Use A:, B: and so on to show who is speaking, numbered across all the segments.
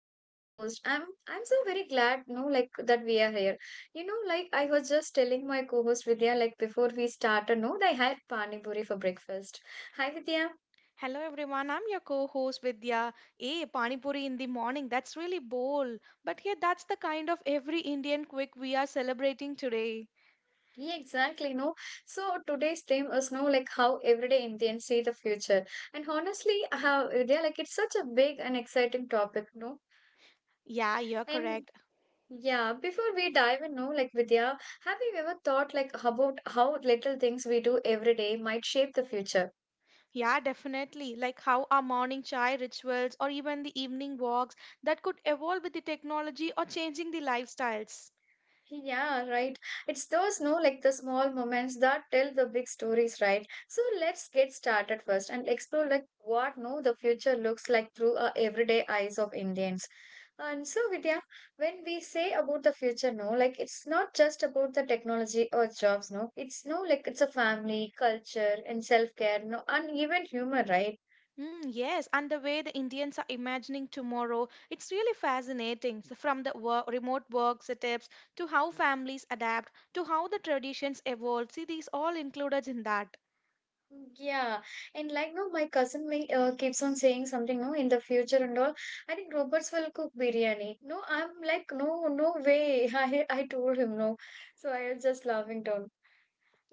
A: Danu, your host. I'm so very glad, you know, like that we are here. You know, like I was just telling my co-host Vidya, like before we started, no, they had pani puri for breakfast. Hi Vidya.
B: Hello everyone, I'm your co-host Vidya. Hey, Pani Puri in the morning, that's really bold. But yeah, that's the kind of every Indian quick we are celebrating today.
A: Yeah, exactly. No, so today's theme is no like how everyday Indians see the future, and honestly, how Vidya, like it's such a big and exciting topic, no,
B: Yeah, you're
A: and
B: correct.
A: yeah, before we dive in, no, like Vidya, have you ever thought like about how little things we do every day might shape the future?
B: Yeah, definitely. Like how our morning chai rituals or even the evening walks that could evolve with the technology or changing the lifestyles.
A: Yeah, right. It's those no, like the small moments that tell the big stories, right? So let's get started first and explore like what no the future looks like through our everyday eyes of Indians. And so, Vidya, when we say about the future, no, like it's not just about the technology or jobs, no. It's no like it's a family, culture, and self-care, no, and even humor, right?
B: Mm, yes, and the way the Indians are imagining tomorrow, it's really fascinating. So from the work, remote work setups to how families adapt to how the traditions evolve. See, these all included in that.
A: Yeah, and like no, my cousin may, keeps on saying something no in the future and all. I think robots will cook biryani. No, I'm like no, no way. I told him no, so I was just laughing down.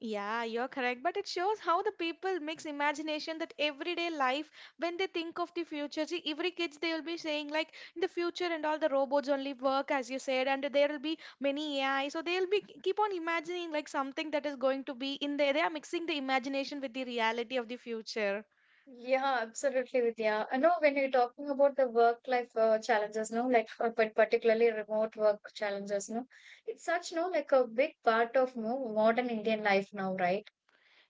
B: Yeah, you're correct. But it shows how the people mix imagination that everyday life when they think of the future. See, every kids they will be saying like in the future and all the robots only work as you said, and there will be many AI. So they'll be keep on imagining like something that is going to be in there. They are mixing the imagination with the reality of the future.
A: Yeah, absolutely, Vidya. I know when you're talking about the work-life challenges, no, like but particularly remote work challenges, no, it's such no like a big part of no modern Indian life now, right?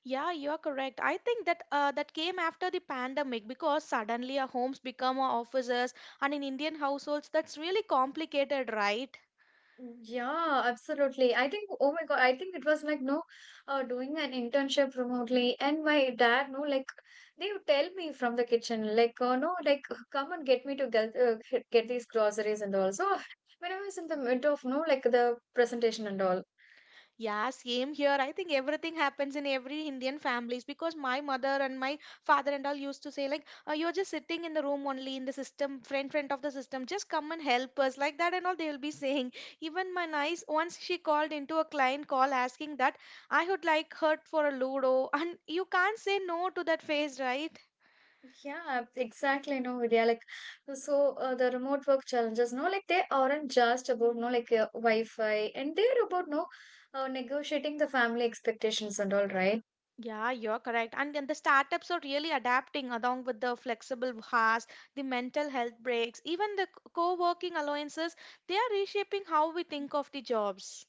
B: Yeah, you're correct. I think that that came after the pandemic because suddenly our homes become our offices, and in Indian households that's really complicated, right?
A: Yeah, absolutely. I think, oh my God, I think it was like, no, doing an internship remotely. And my dad, no, like, they would tell me from the kitchen, like, oh no, like, come and get me to get, get these groceries and all. So, when I was in the middle of, no, like, the presentation and all.
B: Yeah, same here. I think everything happens in every Indian families because my mother and my father and all used to say like, "You're just sitting in the room only in the system, friend of the system. Just come and help us," like that and all. They will be saying. Even my nice once she called into a client call asking that I would like her for a ludo, and you can't say no to that face, right?
A: Yeah, exactly. No, Vidya, like, so the remote work challenges, no, like, they aren't just about, no, like, Wi-Fi, and they're about, no, negotiating the family expectations and all, right?
B: Yeah, you're correct. And the startups are really adapting along with the flexible hours, the mental health breaks, even the co working alliances, they are reshaping how we think of the jobs.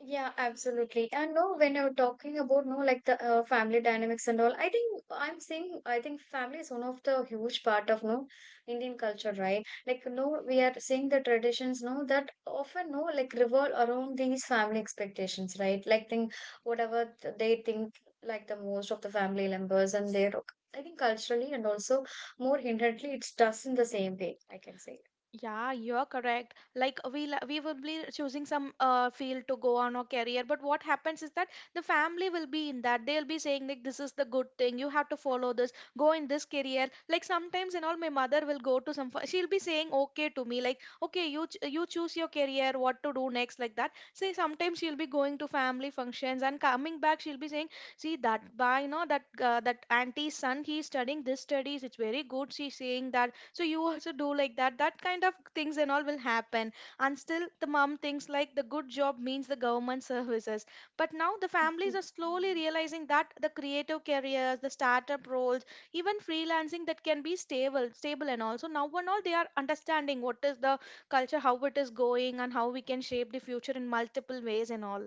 A: Yeah, absolutely. And no, when you're talking about no, like the family dynamics and all, I'm saying I think family is one of the huge part of no Indian culture, right? Like no, we are seeing the traditions no that often no like revolve around these family expectations, right? Like think whatever they think like the most of the family members and their I think culturally and also more inherently it's does in the same way, I can say.
B: Yeah, you're correct. Like we will be choosing some field to go on or career, but what happens is that the family will be in that. They'll be saying like this is the good thing. You have to follow this. Go in this career. Like sometimes and all, my mother will go to some. She'll be saying okay to me like okay you choose your career, what to do next like that. Say sometimes she'll be going to family functions and coming back she'll be saying see that by you know that that auntie's son he's studying this studies. It's very good. She's saying that so you also do like that that kind of things and all will happen and still the mom thinks like the good job means the government services, but now the
A: Mhm.
B: families are slowly realizing that the creative careers, the startup roles, even freelancing that can be stable and also now and all they are understanding what is the culture, how it is going and how we can shape the future in multiple ways and all.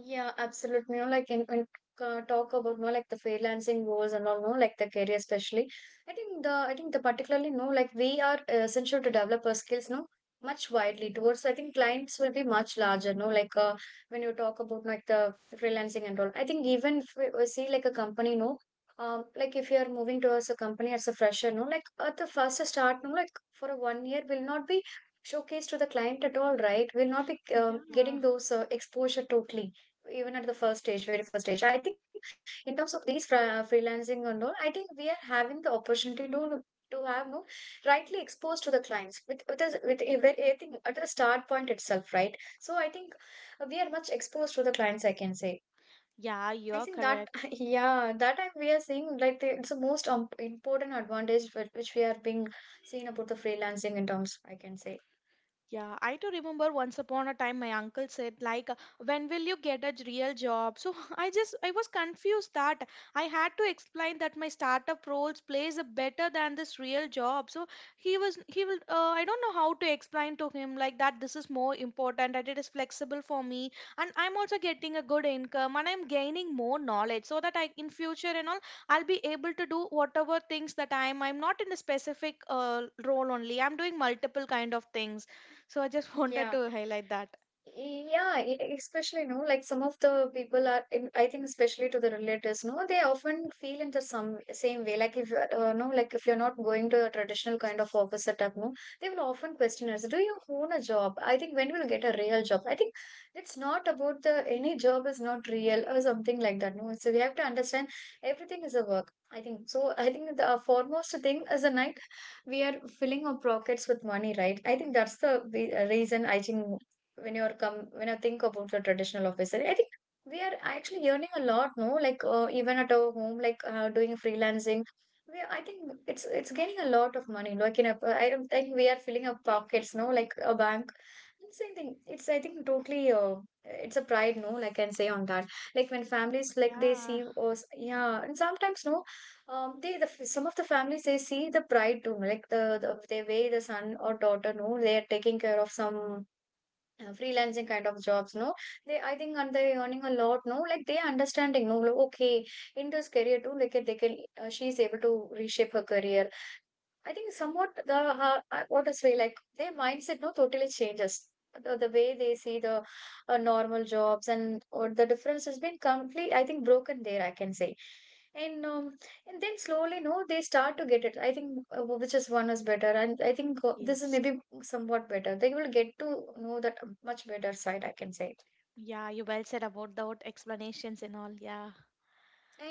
A: Yeah, absolutely. You know, like in talk about you know, like the freelancing goals and all, no, like the career especially. I think the particularly no, like we are essential to develop our skills, no, much widely towards. I think clients will be much larger, no, like when you talk about like the freelancing and all. I think even if we see like a company, no, like if you are moving towards a company as a fresher, no, like at the first start, no, like for a 1 year will not be showcased to the client at all, right? Will not be
B: Yeah,
A: getting those exposure totally even at the first stage, very first stage. I think in terms of these freelancing and all, I think we are having the opportunity to have no rightly exposed to the clients with us with a I think at the start point itself, right? So I think we are much exposed to the clients. I can say.
B: yeah,
A: I
B: you're
A: think that
B: correct.
A: yeah, that I, we are seeing like the, it's the most important advantage which we are being seen about the freelancing in terms. I can say.
B: Yeah, I do remember once upon a time my uncle said like when will you get a real job? So I just I was confused that I had to explain that my startup roles plays a better than this real job. So he will I don't know how to explain to him like that this is more important that it is flexible for me and I'm also getting a good income and I'm gaining more knowledge so that I in future and all I'll be able to do whatever things that I'm not in a specific role only. I'm doing multiple kind of things so I just wanted
A: Yeah.
B: to highlight that.
A: Yeah, especially, no, like some of the people are, I think, especially to the relatives, no, they often feel in the some same way. Like if you're, no, like if you're not going to a traditional kind of office setup, no, they will often question us, do you own a job? I think when will get a real job? I think it's not about the any job is not real or something like that, no. So we have to understand everything is a work. I think so. I think the foremost thing is the night we are filling our pockets with money, right? I think that's the reason I think when you're come when I think about the traditional office, I think we are actually earning a lot, no? Like even at our home, like doing freelancing, we I think it's gaining a lot of money. Like in a, I don't think we are filling our pockets, no? Like a bank. Same thing. It's I think totally. It's a pride, no? Like I can say on that. Like when families like they
B: Yeah,
A: see us, yeah, and sometimes no, they the some of the families they see the pride too. Like the they way the son or daughter, no, they are taking care of some freelancing kind of jobs no they I think and they earning a lot no like they understanding no like, okay in this career too like they can she's able to reshape her career I think somewhat the what to say like their mindset no totally changes. The way they see the normal jobs and or the difference has been complete. I think broken there. I can say, and um, and then slowly no they start to get it. I think which is one is better, and I think this is
B: yes.
A: maybe somewhat better. They will get to know that much better side. I can say.
B: Yeah, you well said about the explanations and all. Yeah.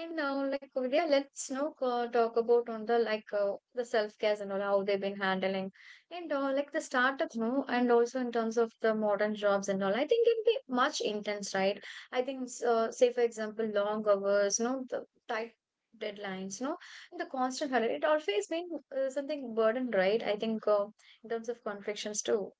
A: And now, like, yeah, let's now talk about on the like the self care and all how they've been handling and like the startups, no, and also in terms of the modern jobs and all. I think it'd be much intense, right? I think, say for example, long hours, no, the tight deadlines, no, and the constant hurry. It always been something burden, right? I think in terms of conflicts too.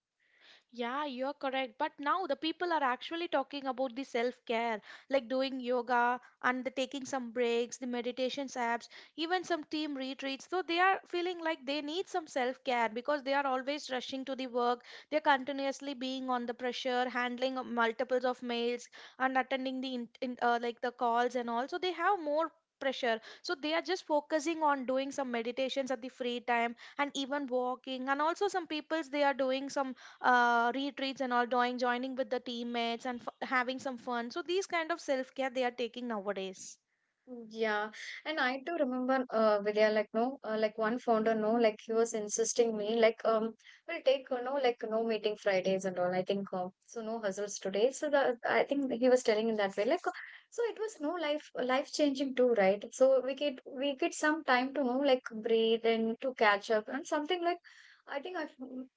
B: Yeah, you're correct. But now the people are actually talking about the self care, like doing yoga and the taking some breaks, the meditations apps, even some team retreats. So they are feeling like they need some self care because they are always rushing to the work. They're continuously being on the pressure, handling multiples of mails and attending the like the calls and all. So they have more pressure so they are just focusing on doing some meditations at the free time and even walking, and also some peoples they are doing some retreats and all doing joining with the teammates and having some fun. So these kind of self care they are taking nowadays.
A: Yeah, and I do remember Vidya like no like one founder no like he was insisting me like we'll take no like no meeting Fridays and all I think so no hustles today so the I think he was telling in that way like so it was no life changing too right so we get some time to know like breathe and to catch up and something like I think I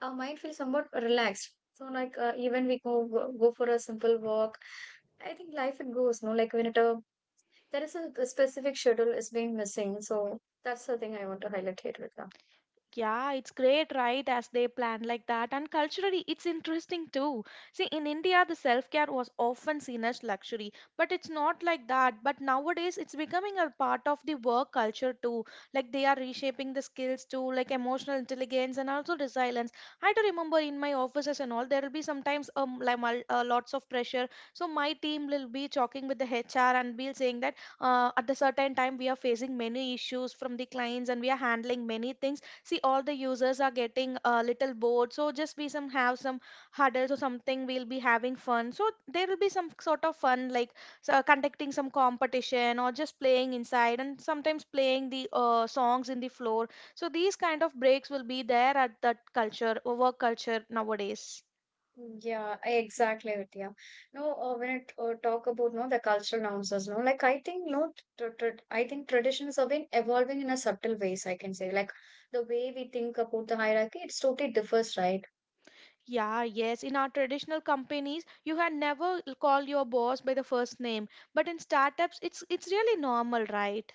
A: our mind feels somewhat relaxed so like even we go for a simple walk I think life it goes, no? Like when it there is a specific schedule is being missing, so that's the thing I want to highlight here, Ritika.
B: Yeah, it's great, right? As they plan like that. And culturally, it's interesting too. See, in India, the self care was often seen as luxury, but it's not like that. But nowadays, it's becoming a part of the work culture too. Like they are reshaping the skills too, like emotional intelligence and also resilience. I do remember in my offices and all, there will be sometimes like lots of pressure. So my team will be talking with the HR and we'll saying that at a certain time we are facing many issues from the clients and we are handling many things. See all the users are getting a little bored, so just be some have some huddles or something we'll be having fun. So there will be some sort of fun, like so conducting some competition or just playing inside and sometimes playing the songs in the floor. So these kind of breaks will be there at that culture, work culture nowadays.
A: Yeah, exactly, Vidya. No, when it talk about no the cultural nuances, no, like I think no, tr tr I think traditions have been evolving in a subtle ways. I can say like the way we think about the hierarchy, it's totally differs, right?
B: Yeah, yes. In our traditional companies, you had never call your boss by the first name, but in startups, it's really normal, right?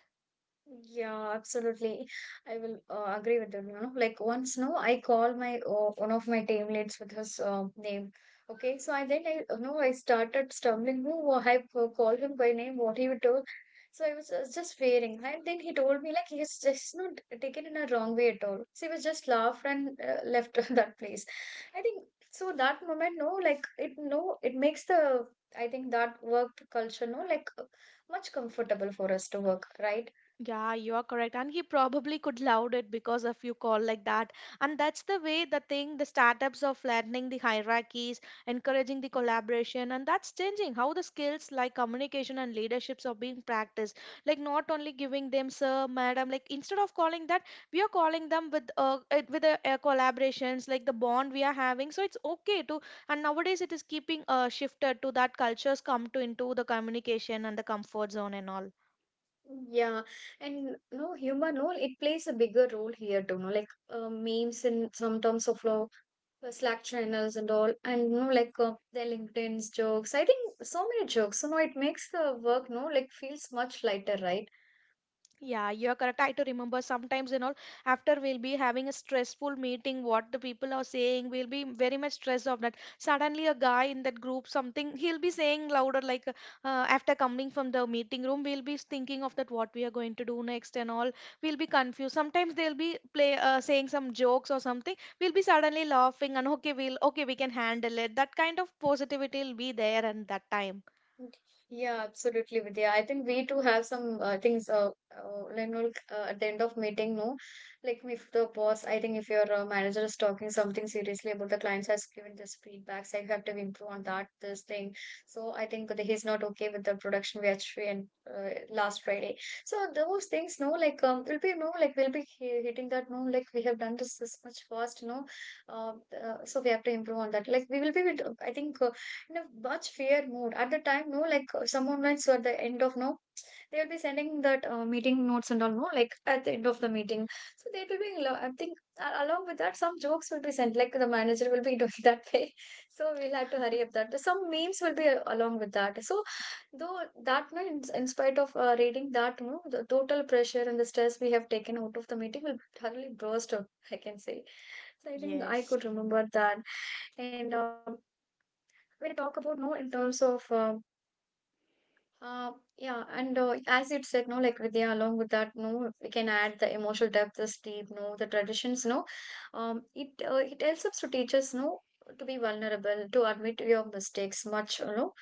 A: Yeah, absolutely. I will agree with that. You know, like once, no, I call my one of my team leads with his name. Okay, so I then I no, I started stumbling. Who I called him by name, what he would do. So I was just fearing, and then he told me like he has just not taken in a wrong way at all. So he was just laughed and left that place. I think so. That moment, no, like it, no, it makes the I think that work culture, no, like much comfortable for us to work, right?
B: Yeah, you are correct. And he probably could loud it because of you call like that. And that's the way the thing, the startups are flattening the hierarchies, encouraging the collaboration, and that's changing how the skills like communication and leaderships are being practiced. Like not only giving them sir, madam, like instead of calling that, we are calling them with with the collaborations, like the bond we are having. So it's okay to, and nowadays it is keeping shifted to that cultures come to into the communication and the comfort zone and all.
A: Yeah, and no humor, no, it plays a bigger role here too, no, like memes and sometimes of law, Slack channels and all, and no, like the LinkedIn's jokes. I think so many jokes, so no, it makes the work, no, like feels much lighter, right?
B: Yeah, you are correct. I to remember sometimes, you know, after we'll be having a stressful meeting, what the people are saying, we'll be very much stressed of that. Suddenly, a guy in that group, something he'll be saying louder, like after coming from the meeting room, we'll be thinking of that what we are going to do next and all. We'll be confused. Sometimes they'll be play saying some jokes or something. We'll be suddenly laughing and okay, we'll okay, we can handle it. That kind of positivity will be there and that time.
A: Mm, Yeah, absolutely, Vidya. I think we too have some things. Like, you know, like, at the end of meeting, no, like if the boss, I think if your manager is talking something seriously about the clients, has given this feedback, so you have to improve on that, this thing. So I think that he's not okay with the production we actually and last Friday. So those things, no, like will be no, like we'll be hitting that, no, like we have done this much fast, no, uh, so we have to improve on that. Like we will be, I think. In a much fair mood at the time, no, like some moments at the end of, no, they will be sending that meeting notes and all, no, like at the end of the meeting. So they will be I think along with that some jokes will be sent, like the manager will be doing that way. So we'll have to hurry up that some memes will be along with that, so though that, no, in spite of reading that, no, the total pressure and the stress we have taken out of the meeting will totally burst out, I can say. So I think I
B: Yes.
A: could remember that. And when I talk about, no, in terms of uh yeah. And as it said, no, like Vidya, along with that, no, we can add the emotional depth, the steep, no, the traditions, no. It it helps us to teach us, no, to be vulnerable, to admit your mistakes much.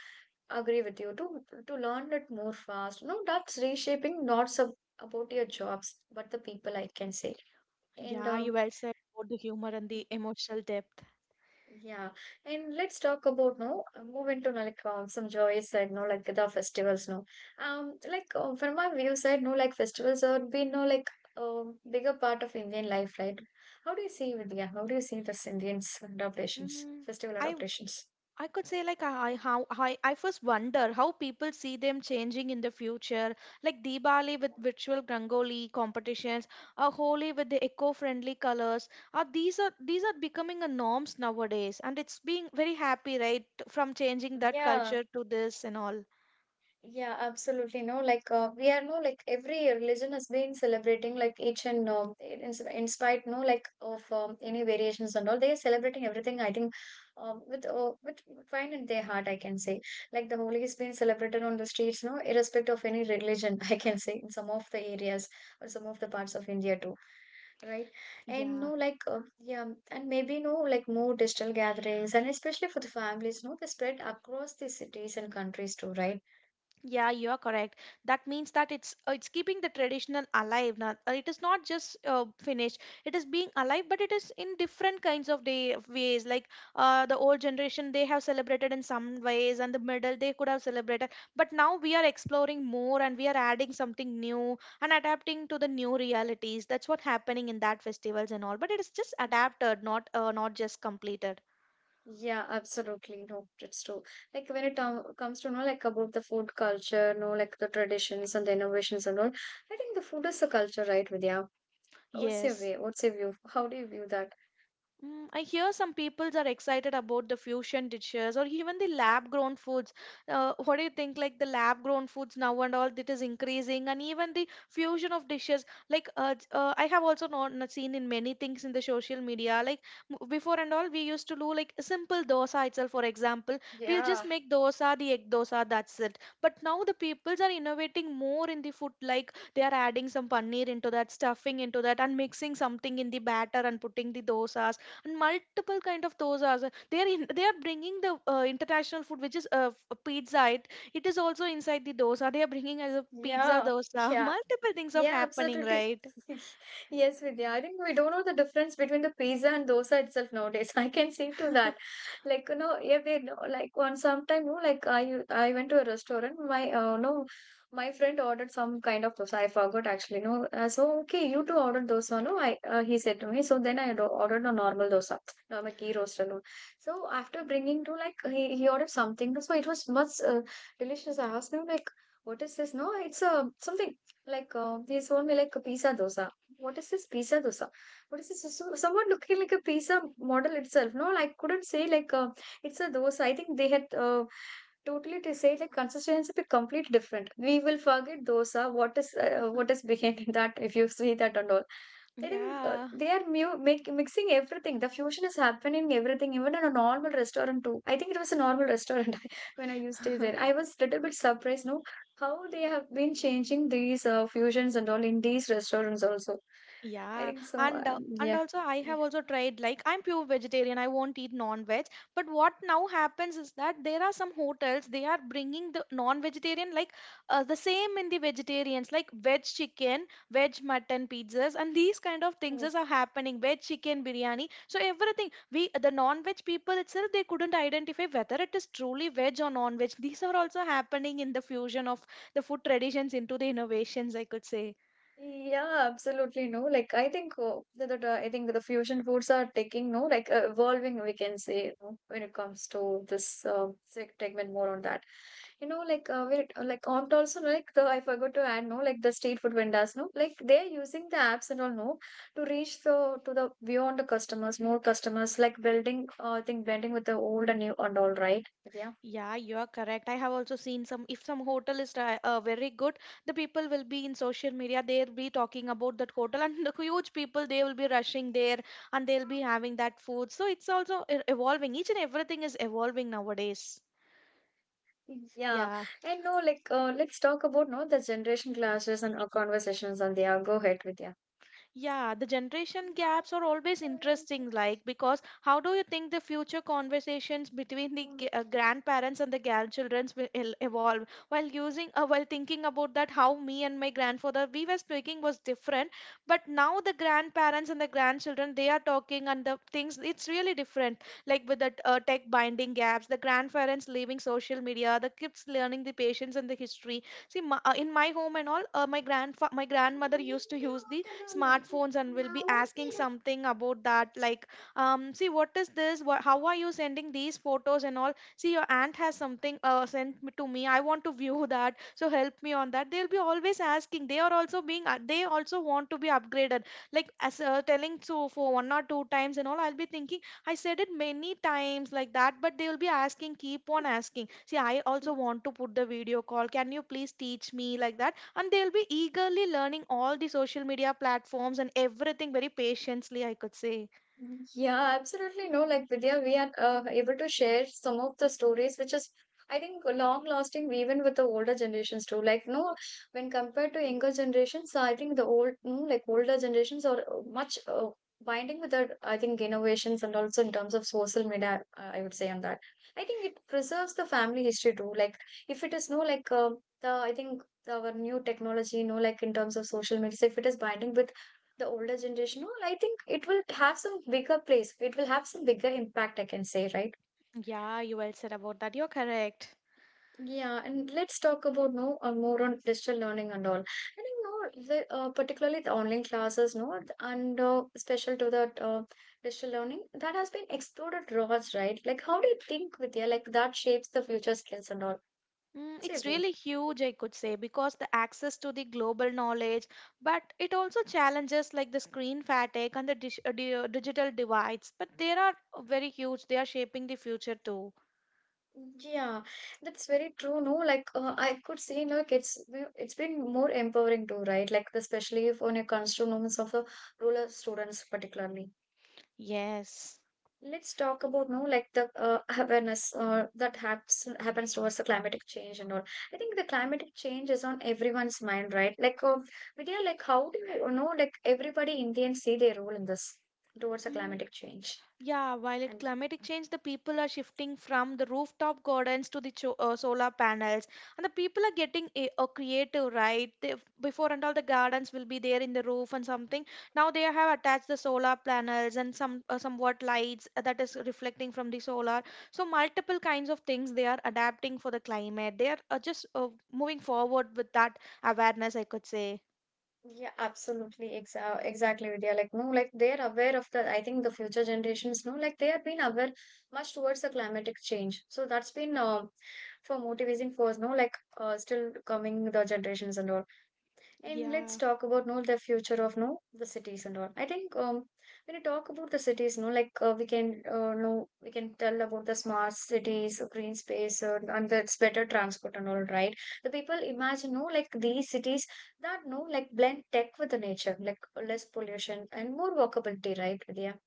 A: Agree with you to learn it more fast, no, that's reshaping, not about your jobs but the people, I can say.
B: Yeah,
A: And
B: you well said about the humor and the emotional depth.
A: yeah. And let's talk about, no, move into, no, like some joys side, no, like the festivals, no. Like from my view side, no, like festivals are been, no, like bigger part of Indian life, right? How do you see, Vidya, how do you see this Indians adaptations,
B: Mm,
A: festival
B: I
A: adaptations?
B: I could say like how I first wonder how people see them changing in the future, like Diwali with virtual Rangoli competitions, or Holi with the eco-friendly colors. Are these are becoming a norms nowadays, and it's being very happy, right, from changing that culture to this and all.
A: Yeah, absolutely. No, like we are, no, like every religion has been celebrating, like each and in spite, no, like of any variations and all, they are celebrating everything. I think with with fine in their heart, I can say. Like the holy is being celebrated on the streets, no, irrespective of any religion. I can say, in some of the areas or some of the parts of India too, right? And
B: Yeah.
A: no, like yeah. And maybe, no, like more digital gatherings, and especially for the families, no, they spread across the cities and countries too, right?
B: Yeah, you are correct. That means that it's keeping the traditional alive. Not, it is not just finished. It is being alive, but it is in different kinds of day of ways. Like the old generation, they have celebrated in some ways, and the middle they could have celebrated. But now we are exploring more, and we are adding something new and adapting to the new realities. That's what happening in that festivals and all. But it is just adapted, not just completed.
A: Yeah, absolutely. No, it's true. Like when it comes to know, like about the food culture, no, like the traditions and the innovations and all. I think the food is a culture, right, Vidya? What's your
B: Yes.
A: way? What's your view? How do you view that?
B: Mm, I hear some peoples are excited about the fusion dishes or even the lab grown foods. What do you think? Like the lab grown foods now and all that is increasing, and even the fusion of dishes. Like I have also not seen in many things in the social media. Like before and all, we used to do like a simple dosa itself. For example, we'll just
A: Yeah,
B: make dosa, the egg dosa, that's it. But now the peoples are innovating more in the food. Like they are adding some paneer into that, stuffing into that, and mixing something in the batter and putting the dosas and multiple kind of dosas, they are bringing the international food which is pizza. It is also inside the dosa they are bringing as a pizza
A: yeah,
B: dosa.
A: yeah.
B: Multiple things of
A: Yeah,
B: happening,
A: absolutely.
B: right?
A: Yes, Vidya. I think we don't know the difference between the pizza and dosa itself nowadays. I can see to that. Like, yeah, we know, like one sometime, like I went to a restaurant. My no, my friend ordered some kind of dosa. I forgot actually. No, so okay, you too ordered dosa. No, I he said to me. So then I ordered a normal dosa, normal ghee roaster. No, so after bringing to, like, he ordered something. So it was much delicious. I asked him, like, what is this? No, it's a something. Like they sold me like a pizza dosa. What is this pizza dosa? What is this? So, somewhat looking like a pizza model itself. No, I couldn't say like it's a dosa. I think they had totally to say, like, consistency be completely different. We will forget dosa. What is what is behind that? If you see that and all. I think
B: Yeah.
A: they are mixing everything. The fusion is happening everything, even in a normal restaurant too. I think it was a normal restaurant when I used to stay there. I was a little bit surprised. No, how they have been changing these fusions and all in these restaurants also. I
B: Yeah,
A: think so.
B: and
A: Yeah.
B: also I have also tried like I'm pure vegetarian. I won't eat non-veg. But what now happens is that there are some hotels they are bringing the non-vegetarian like the same in the vegetarians like veg chicken, veg mutton pizzas, and these kind of things
A: Yeah.
B: is are happening. Veg chicken biryani. So everything we the non-veg people itself they couldn't identify whether it is truly veg or non-veg. These are also happening in the fusion of the food traditions into the innovations, I could say.
A: Yeah, absolutely. No, like I think I think the fusion foods are taking, no, like evolving. We can say, no, when it comes to this segment more on that. You know, like when like on to also, no, like the I forgot to add, no, like the street food vendors, no, like they're using the apps and all, no, to reach the beyond the customers, more customers, like building. I think blending with the old and new and all, right. Yeah.
B: Yeah, you are correct. I have also seen some, if some hotel is very good, the people will be in social media, they'll be talking about that hotel, and the huge people, they will be rushing there and they'll be having that food. So it's also evolving. Each and everything is evolving nowadays.
A: Yeah,
B: Yeah.
A: and no, like let's talk about, no, the generation clashes and conversations on there. Go ahead with yeah.
B: Yeah, the generation gaps are always interesting, like, because how do you think the future conversations between the grandparents and the grandchildren will evolve? While using, while thinking about that, how me and my grandfather we were speaking was different, but now the grandparents and the grandchildren they are talking and the things it's really different. Like with the tech binding gaps, the grandparents leaving social media, the kids learning the patience and the history. See, in my home and all, my my grandmother used to use the smartphones and will be asking something about that like see what is this, what, how are you sending these photos and all, see your aunt has something sent me to me, I want to view that, so help me on that. They'll be always asking. They are also being they also want to be upgraded. Like as telling so for one or two times and all, I'll be thinking I said it many times like that, but they will be asking, keep on asking, see, I also want to put the video call, can you please teach me, like that. And they'll be eagerly learning all the social media platforms and everything very patiently, I could say.
A: Mm, yeah, absolutely, no. Like Vidya, we are able to share some of the stories, which is, I think, long lasting even with the older generations too. Like no, when compared to younger generations, I think the old, no, like older generations are much binding with their, I think, innovations and also in terms of social media. I would say on that. I think it preserves the family history too. Like if it is, no, like the I think our new technology, no, like in terms of social media, if it is binding with the older generation all, I think it will have some bigger place, it will have some bigger impact, I can say, right?
B: Yeah, you well said about that. You're correct.
A: Yeah, and let's talk about, no, more on digital learning and all. I think no the particularly the online classes, no, and special to that, digital learning that has been exploded rods, right? Like how do you think with like that shapes the future skills and all?
B: Mm,
A: Say
B: it's
A: way.
B: really huge, I could say, because the access to the global knowledge, but it also challenges like the screen fatigue and the digital divides. But they are very huge, they are shaping the future too.
A: Yeah, that's very true. No, like I could see, like it's been more empowering too, right? Like, especially if when it comes moments of rural students, particularly.
B: Yes.
A: Let's talk about, no, like the awareness that happens towards the climatic change and all. I think the climatic change is on everyone's mind, right? Like, Vidya, like how do you know, like everybody Indians see their role in this towards the climatic change?
B: Yeah, while at climatic change, the people are shifting from the rooftop gardens to the solar panels, and the people are getting a creative, right? They, before and all, the gardens will be there in the roof and something. Now they have attached the solar panels and some somewhat lights that is reflecting from the solar. So multiple kinds of things they are adapting for the climate. They are just moving forward with that awareness, I could say.
A: Yeah, absolutely. Exactly, Vidya. Like, no, like they're aware of the, I think the future generations know, like they have been aware much towards the climatic change. So that's been for motivating force, no, like still coming the generations and all. And let's
B: Yeah.
A: talk about, no, the future of, no, the cities and all. I think when you talk about the cities, no, like we can no we can tell about the smart cities, green space, and that's better transport and all, right? The people imagine, no, like these cities that no like blend tech with the nature, like less pollution and more walkability, right, Vidya?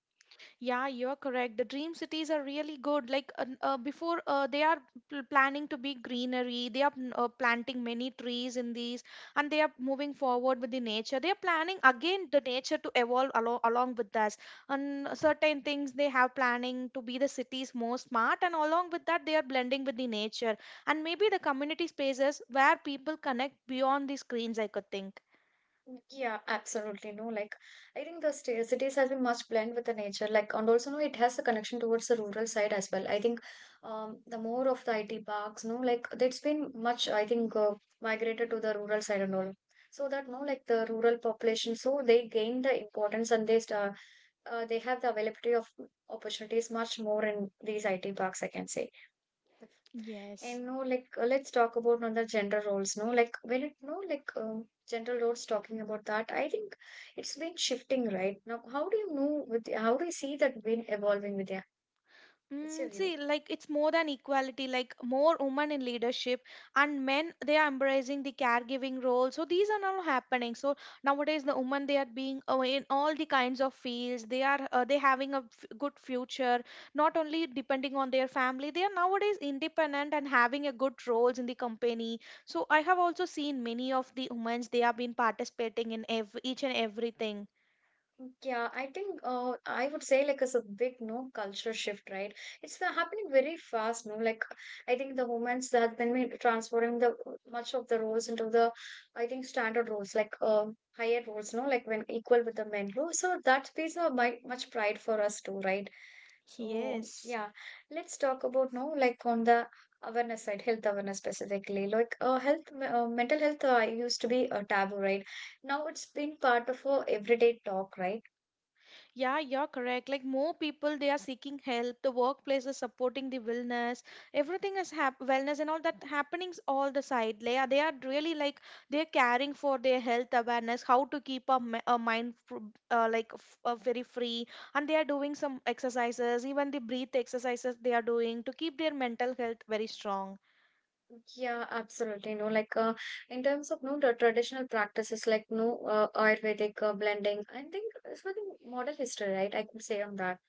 B: Yeah, you're correct. The dream cities are really good. Like before, they are planning to be greenery. They are planting many trees in these, and they are moving forward with the nature. They are planning again the nature to evolve along along with us. And certain things they have planning to be the cities more smart, and along with that, they are blending with the nature and maybe the community spaces where people connect beyond the screens, I could think.
A: Yeah, absolutely. No, like I think the cities has been much blend with the nature, like and also, no, it has a connection towards the rural side as well. I think the more of the IT parks, no, like it's been much I think migrated to the rural side and all, so that, no, like the rural population, so they gain the importance and they have the availability of opportunities much more in these IT parks, I can say.
B: Yes.
A: And no, like let's talk about another gender roles. No, like when it, no, like gender roles talking about that, I think it's been shifting right now. How do you know with how do you see that been evolving with yeah? What's your
B: Mm,
A: view?
B: see, like it's more than equality, like more women in leadership and men, they are embracing the caregiving role. So these are now happening. So nowadays, the women they are being in all the kinds of fields. They are they having a f good future, not only depending on their family. They are nowadays independent and having a good roles in the company. So I have also seen many of the women they have been participating in ev each and everything.
A: Yeah, I think I would say like it's a big no culture shift, right? It's has happening very fast, no? Like I think the women's that been transferring the much of the roles into the I think standard roles, like higher roles, no? Like when equal with the men role. So that piece of my, much pride for us too, right? So
B: Yes.
A: yeah, let's talk about, no, like on the awareness side, health awareness specifically. Like health, mental health used to be a taboo, right? Now it's been part of a everyday talk, right?
B: Yeah, you're correct. Like more people, they are seeking help. The workplace is supporting the wellness. Everything is wellness and all that happenings all the side. They are really like they're caring for their health awareness, how to keep our, our mind like very free, and they are doing some exercises, even the breath exercises they are doing to keep their mental health very strong.
A: Yeah, absolutely. No, like in terms of, no, the traditional practices, like, no, Ayurvedic blending, I think it's like modern history, right? I could say on that.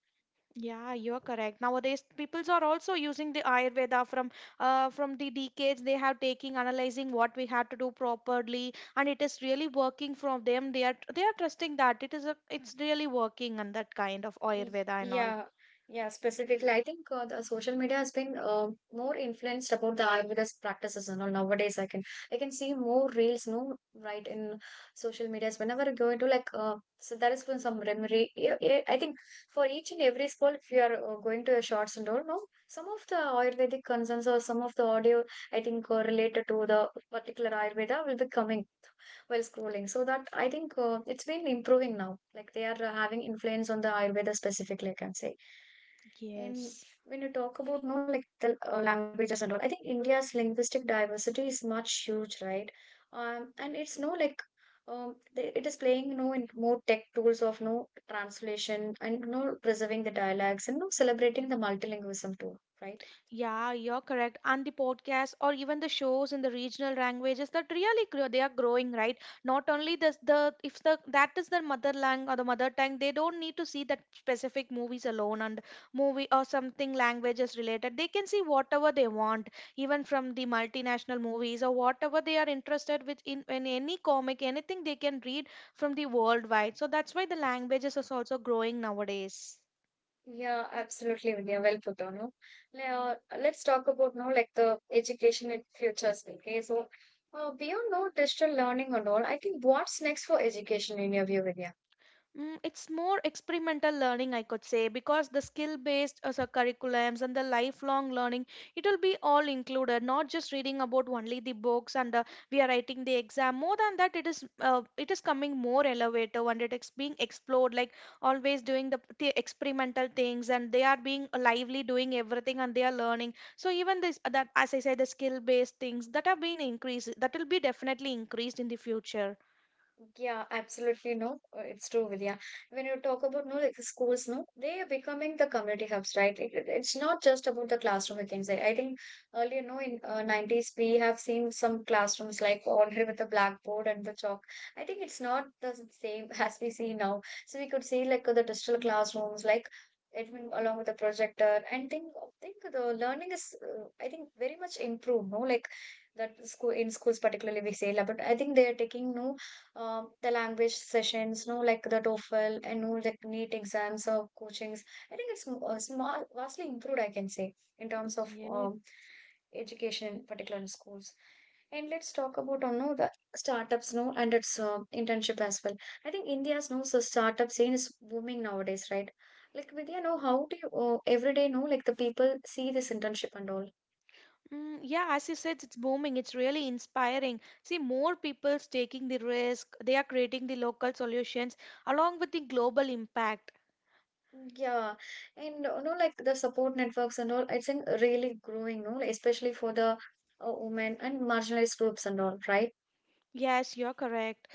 B: Yeah, you're correct. Nowadays, peoples are also using the Ayurveda from the decades they have taking, analyzing what we have to do properly, and it is really working from them. They are trusting that it is a it's really working and that kind of
A: Y-
B: Ayurveda and all.
A: Yeah, yeah, specifically, I think the social media has been more influenced about the Ayurveda's practices and all. Nowadays, I can see more reels, no, right, in social medias. Whenever you go into like, so there is been some remedy. Yeah, yeah, I think for each and every sport, if you are going to your shots and all, no, some of the Ayurvedic concerns or some of the audio, I think, related to the particular Ayurveda will be coming while scrolling. So that I think it's been improving now. Like they are having influence on the Ayurveda specifically, I can say. And
B: Yes.
A: when you talk about no like the languages and all, I think India's linguistic diversity is much huge, right? And it's no like it is playing you know in more tech tools of no translation and no preserving the dialects and no celebrating the multilingualism too, right?
B: Yeah, you're correct. And the podcasts or even the shows in the regional languages that really grow, they are growing, right? Not only this, the if the that is their mother language or the mother tongue, they don't need to see that specific movies alone and movie or something languages related. They can see whatever they want, even from the multinational movies or whatever they are interested with in any comic, anything they can read from the worldwide. So that's why the languages is also growing nowadays.
A: Yeah, absolutely, Vidya. Well put on. No? Now, let's talk about now like the education in futures. Okay, so beyond no digital learning and all, I think what's next for education in your view, Vidya?
B: Mm, it's more experimental learning, I could say, because the skill based so curriculums and the lifelong learning, it will be all included, not just reading about only the books and we are writing the exam. More than that, it is coming more elevator and it is being explored, like always doing the experimental things and they are being lively doing everything and they are learning. So even this that as I said, the skill based things that have been increased, that will be definitely increased in the future.
A: Yeah, absolutely. No, it's true, Vidya. When you talk about no, like the schools, no, they are becoming the community hubs, right? It's not just about the classroom. We can say. I think earlier, no, in 90s, we have seen some classrooms like already with the blackboard and the chalk. I think it's not the same as we see now. So we could see like the digital classrooms, like it will- along with the projector, and think the learning is, I think, very much improved. No, like that school in schools particularly we say, la, but I think they are taking no the language sessions, no, like the TOEFL and no, like NEET exams or coachings. I think it's small, vastly improved, I can say, in terms of
B: Yes.
A: education, in particular in schools. And let's talk about on no the startups no and its internship as well. I think India's no so startup scene is booming nowadays, right? Like Vidya, know how do you every day no, like the people see this internship and all?
B: Mm, yeah, as you said, it's booming. It's really inspiring. See, more people's taking the risk. They are creating the local solutions along with the global impact.
A: Yeah, and you know, like the support networks and all, it's in really growing, no, like, especially for the women and marginalized groups and all, right?
B: Yes, you're correct.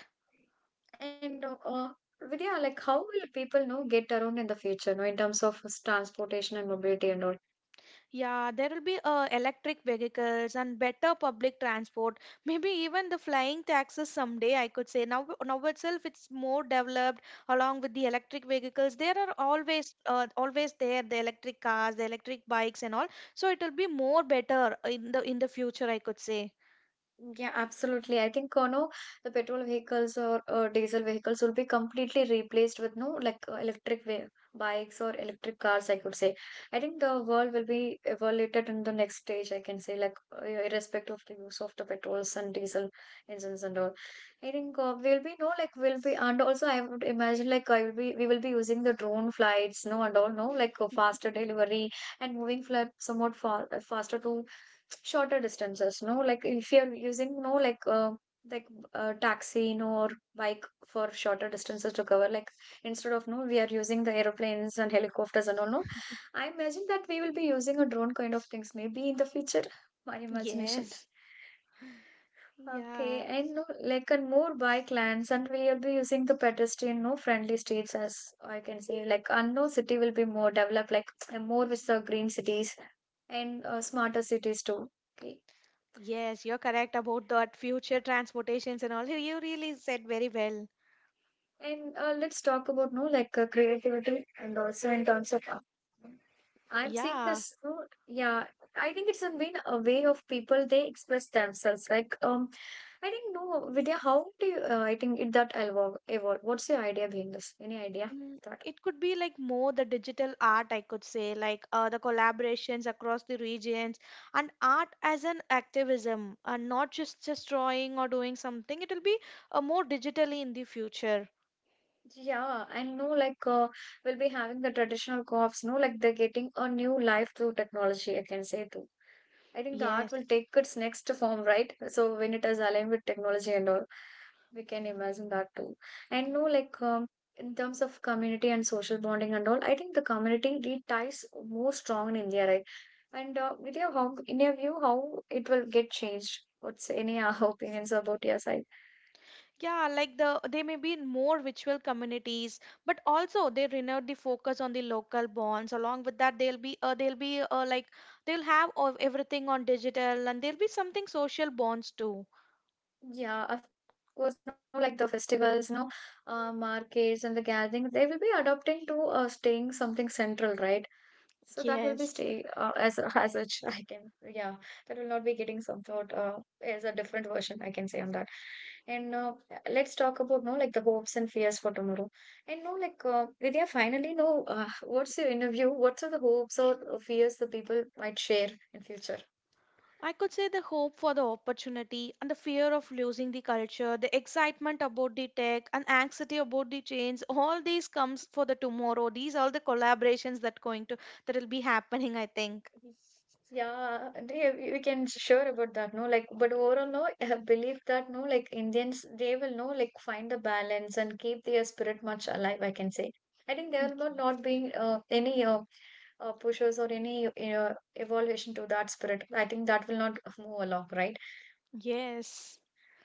A: And Vidya, like, how will people, you know, get around in the future, no, in terms of transportation and mobility and all?
B: Yeah, there will be electric vehicles and better public transport. Maybe even the flying taxis someday, I could say. Now, now itself, it's more developed along with the electric vehicles. There are always, always there the electric cars, the electric bikes, and all. So it will be more better in the future, I could say.
A: Yeah, absolutely. I think, no, the petrol vehicles or diesel vehicles will be completely replaced with no like electric bikes or electric cars, I could say. I think the world will be evaluated in the next stage, I can say, like yeah, irrespective of the use of the petrols and diesel engines and all. I think we'll be no like we'll be and also I would imagine like I will be we will be using the drone flights, no and all, no like faster delivery and moving flight somewhat far faster to shorter distances no like if you're using no like like taxi no or bike for shorter distances to cover like instead of no we are using the aeroplanes and helicopters and all no. I imagine that we will be using a drone kind of things maybe in the future, my imagination.
B: Yes,
A: Okay,
B: yeah,
A: and no like and more bike lanes and we will be using the pedestrian no friendly streets as I can say like, and no city will be more developed like more with the green cities and smarter cities too. Okay.
B: yes, you're correct about that future transportations and all. You really said very well.
A: And let's talk about no like creativity and also in terms of I'm seeing
B: Yeah,
A: this. No, yeah, I think it's been a way of people they express themselves. Like I think no, Vidya, how do you? I think it that evolve. What's your idea behind this? Any idea?
B: mm,
A: That.
B: it could be like more the digital art, I could say, like the collaborations across the regions and art as an activism, and not just just drawing or doing something. It will be more digitally in the future.
A: Yeah, I know. Like, we'll be having the traditional co-ops. No, like they're getting a new life through technology. I can say too. I think the art
B: Yes.
A: will take its next form, right? So when it is aligned with technology and all, we can imagine that too. And no, like in terms of community and social bonding and all, I think the community really ties more strong in India, right? And with your how, in your view, how it will get changed? What's any opinions about your side?
B: Yeah, like the they may be in more virtual communities, but also they renewed the focus on the local bonds. Along with that, they'll be like they'll have everything on digital, and there'll be something social bonds too.
A: Yeah, of course, no, like the festivals, no, markets and the gatherings, they will be adopting to staying something central, right? So that will be stay
B: Yes.
A: as a, as such I can yeah, that will not be getting some thought as a different version I can say on that. And let's talk about no like the hopes and fears for tomorrow and no like Vidya finally no what's your interview what are the hopes or fears the people might share in future.
B: I could say the hope for the opportunity and the fear of losing the culture, the excitement about the tech and anxiety about the change, all these comes for the tomorrow. These are the collaborations that going to that will be happening, I think.
A: Yeah, they, we can sure about that, no? Like, but overall, no, I have believe that, no, like Indians, they will, no, like find the balance and keep their spirit much alive, I can say. I think there will not be any pushers or any uh, evolution to that spirit. I think that will not move along, right?
B: Yes.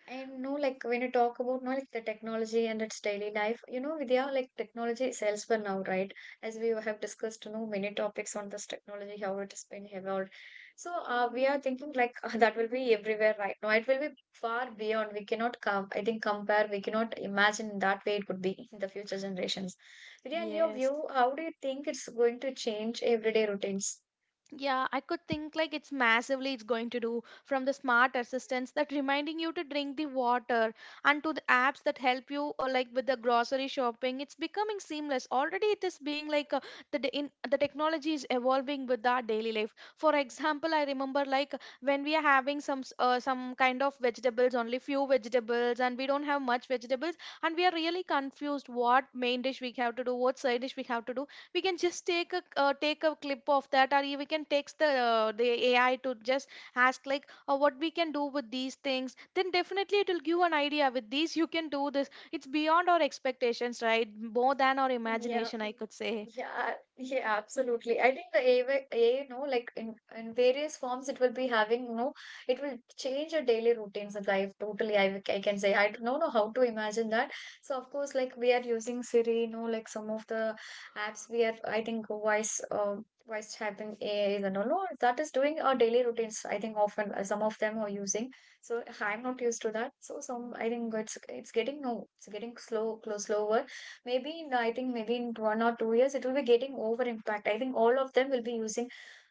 A: And no, like when you talk about no, like the technology and its daily life, you know, Vidya, like technology is elsewhere now, right? As we have discussed, you know, many topics on this technology, how it has been evolved. So we are thinking like that will be everywhere right now. It will be far beyond. We cannot come. I think compare. We cannot imagine that way it would be in the future generations. Vidya, in your
B: Yes.
A: view, how do you think it's going to change everyday routines?
B: Yeah, I could think like it's massively it's going to do from the smart assistants that reminding you to drink the water and to the apps that help you or like with the grocery shopping. It's becoming seamless. Already it is being like the in the technology is evolving with our daily life. For example, I remember like when we are having some some kind of vegetables, only few vegetables, and we don't have much vegetables, and we are really confused what main dish we have to do, what side dish we have to do, we can just take a take a clip of that, or we can text the AI to just ask like what we can do with these things. Then definitely it will give an idea: with these you can do this. It's beyond our expectations, right? More than our
A: Yeah.
B: imagination, I could say.
A: Yeah, yeah, absolutely. I think the AI, you know, like in various forms, it will be having, you know, it will change your daily routines in life totally. I can say, I don't know how to imagine that. So, of course, like we are using Siri, you know, like some of the apps we are, I think, voice having AIs and all, no, that is doing our daily routines. I think often some of them are using. So, I'm not used to that. So, some, I think it's getting, no, it's getting slow, close, slower maybe in, I think maybe in 1 or 2 years, it will be getting over impact. I think all of them will be using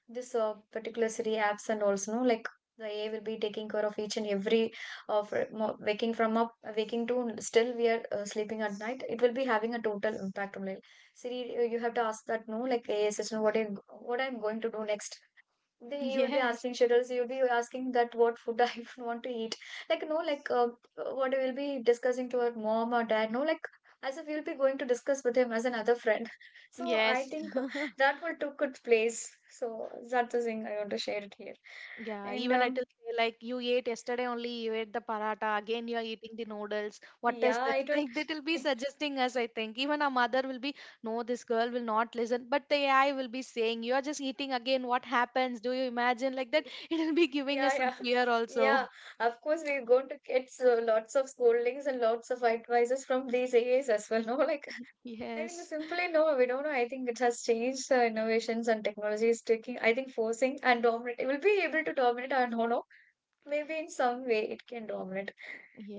A: this particular city apps and also no like the AI will be taking care of each and every of waking from up waking to still we are sleeping at night. It will be having a total impact on like Siri. You have to ask that no like AI assistant what I what I'm going to do next, then you will be
B: Yes,
A: asking schedules, you will be asking that what food I want to eat, like no like what we'll be discussing to our mom or dad no like as if you'll be going to discuss with him as another friend. So I
B: yes.
A: think that will took its place. So that's the thing I want to share it here.
B: Yeah,
A: And
B: even I will say like you ate yesterday only, you ate the paratha, again you are eating the noodles. What is
A: yeah,
B: this?
A: I don't
B: Like they will be suggesting us, I think. Even our mother will be, no, this girl will not listen. But the AI will be saying, "You are just eating again, what happens?" Do you imagine? Like that, it will be giving
A: yeah
B: us
A: yeah
B: some fear also.
A: yeah Of course we're going to get so lots of scoldings and lots of advices from these aas as well. No like, I think
B: Yes.
A: simply no, we don't know. I think it has changed the innovations and technology is taking. I think forcing and dominate. It will be able to dominate or no. Maybe in some way it can dominate.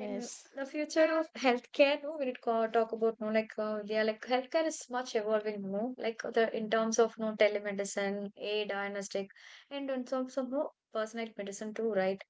A: In the future of healthcare, no, when it co- talk about no, like yeah, like healthcare is much evolving, no, like the in terms of no telemedicine, a diagnostic, and in terms of no personalized medicine too, right?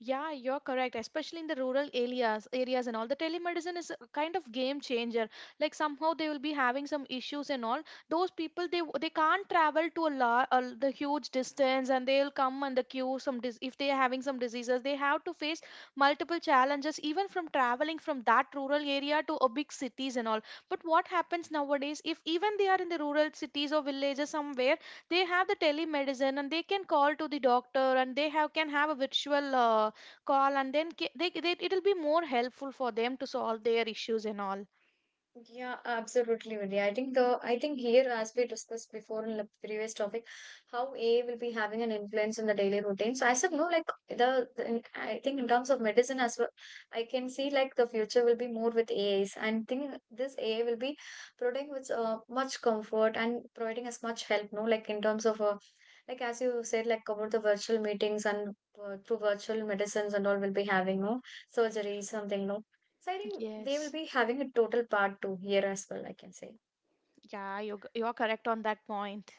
B: Yeah, you're correct, especially in the rural areas areas and all. The telemedicine is a kind of game changer. Like somehow they will be having some issues and all. Those people they they can't travel to a lot, a, the huge distance and they'll come and the queue, some dis, if they are having some diseases, they have to face multiple challenges even from traveling from that rural area to a big cities and all. But what happens nowadays, if even they are in the rural cities or villages somewhere, they have the telemedicine and they can call to the doctor and they have can have a virtual call, and then ca- they it'll be more helpful for them to solve their issues and all.
A: Yeah, absolutely, Vidya. I think here, as we discussed before in the previous topic, how AI will be having an influence on the daily routine. So I said no, like I think in terms of medicine as well, I can see like the future will be more with AIs. And think this AI will be providing with much comfort and providing us much help. No, like in terms of like as you said, like about the virtual meetings and through virtual medicines and all will be having no surgery something no. So I think they will
B: Yes.
A: be having a total part two here as well, I can say.
B: Yeah, you're correct on that point.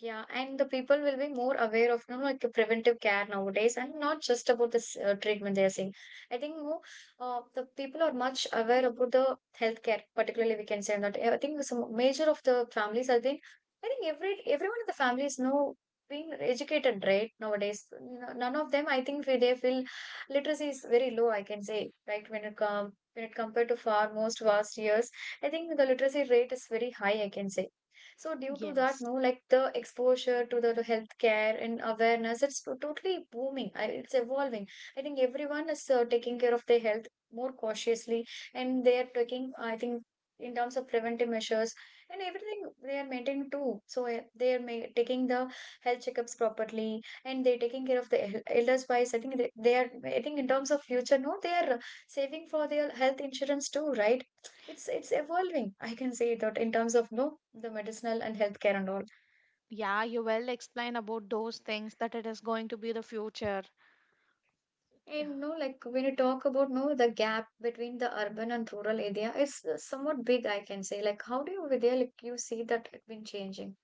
A: Yeah, and the people will be more aware of you know, like the preventive care nowadays, and not just about this treatment they are seeing. I think more the people are much aware about the healthcare, particularly we can say that. I think some major of the families have been. I think everyone in the family is now being educated right nowadays. None of them, I think, they feel literacy is very low. I can say right when it come when it compared to far most vast years, I think the literacy rate is very high. I can say. So due to that,
B: Yes.
A: no, like the exposure to the healthcare and awareness, it's totally booming. It's evolving. I think everyone is taking care of their health more cautiously, and they are taking, I think, in terms of preventive measures and everything they are maintaining too. So they are taking the health checkups properly, and they're taking care of the elders wise. I think they are. I think in terms of future, no, they are saving for their health insurance too, right? It's evolving, I can say that, in terms of no, the medicinal and healthcare and all.
B: Yeah, you well explain about those things, that it is going to be the future. Yeah.
A: And no, like when you talk about no, the gap between the urban and rural area is somewhat big, I can say. Like, how do you over there, like, you see that it's been changing?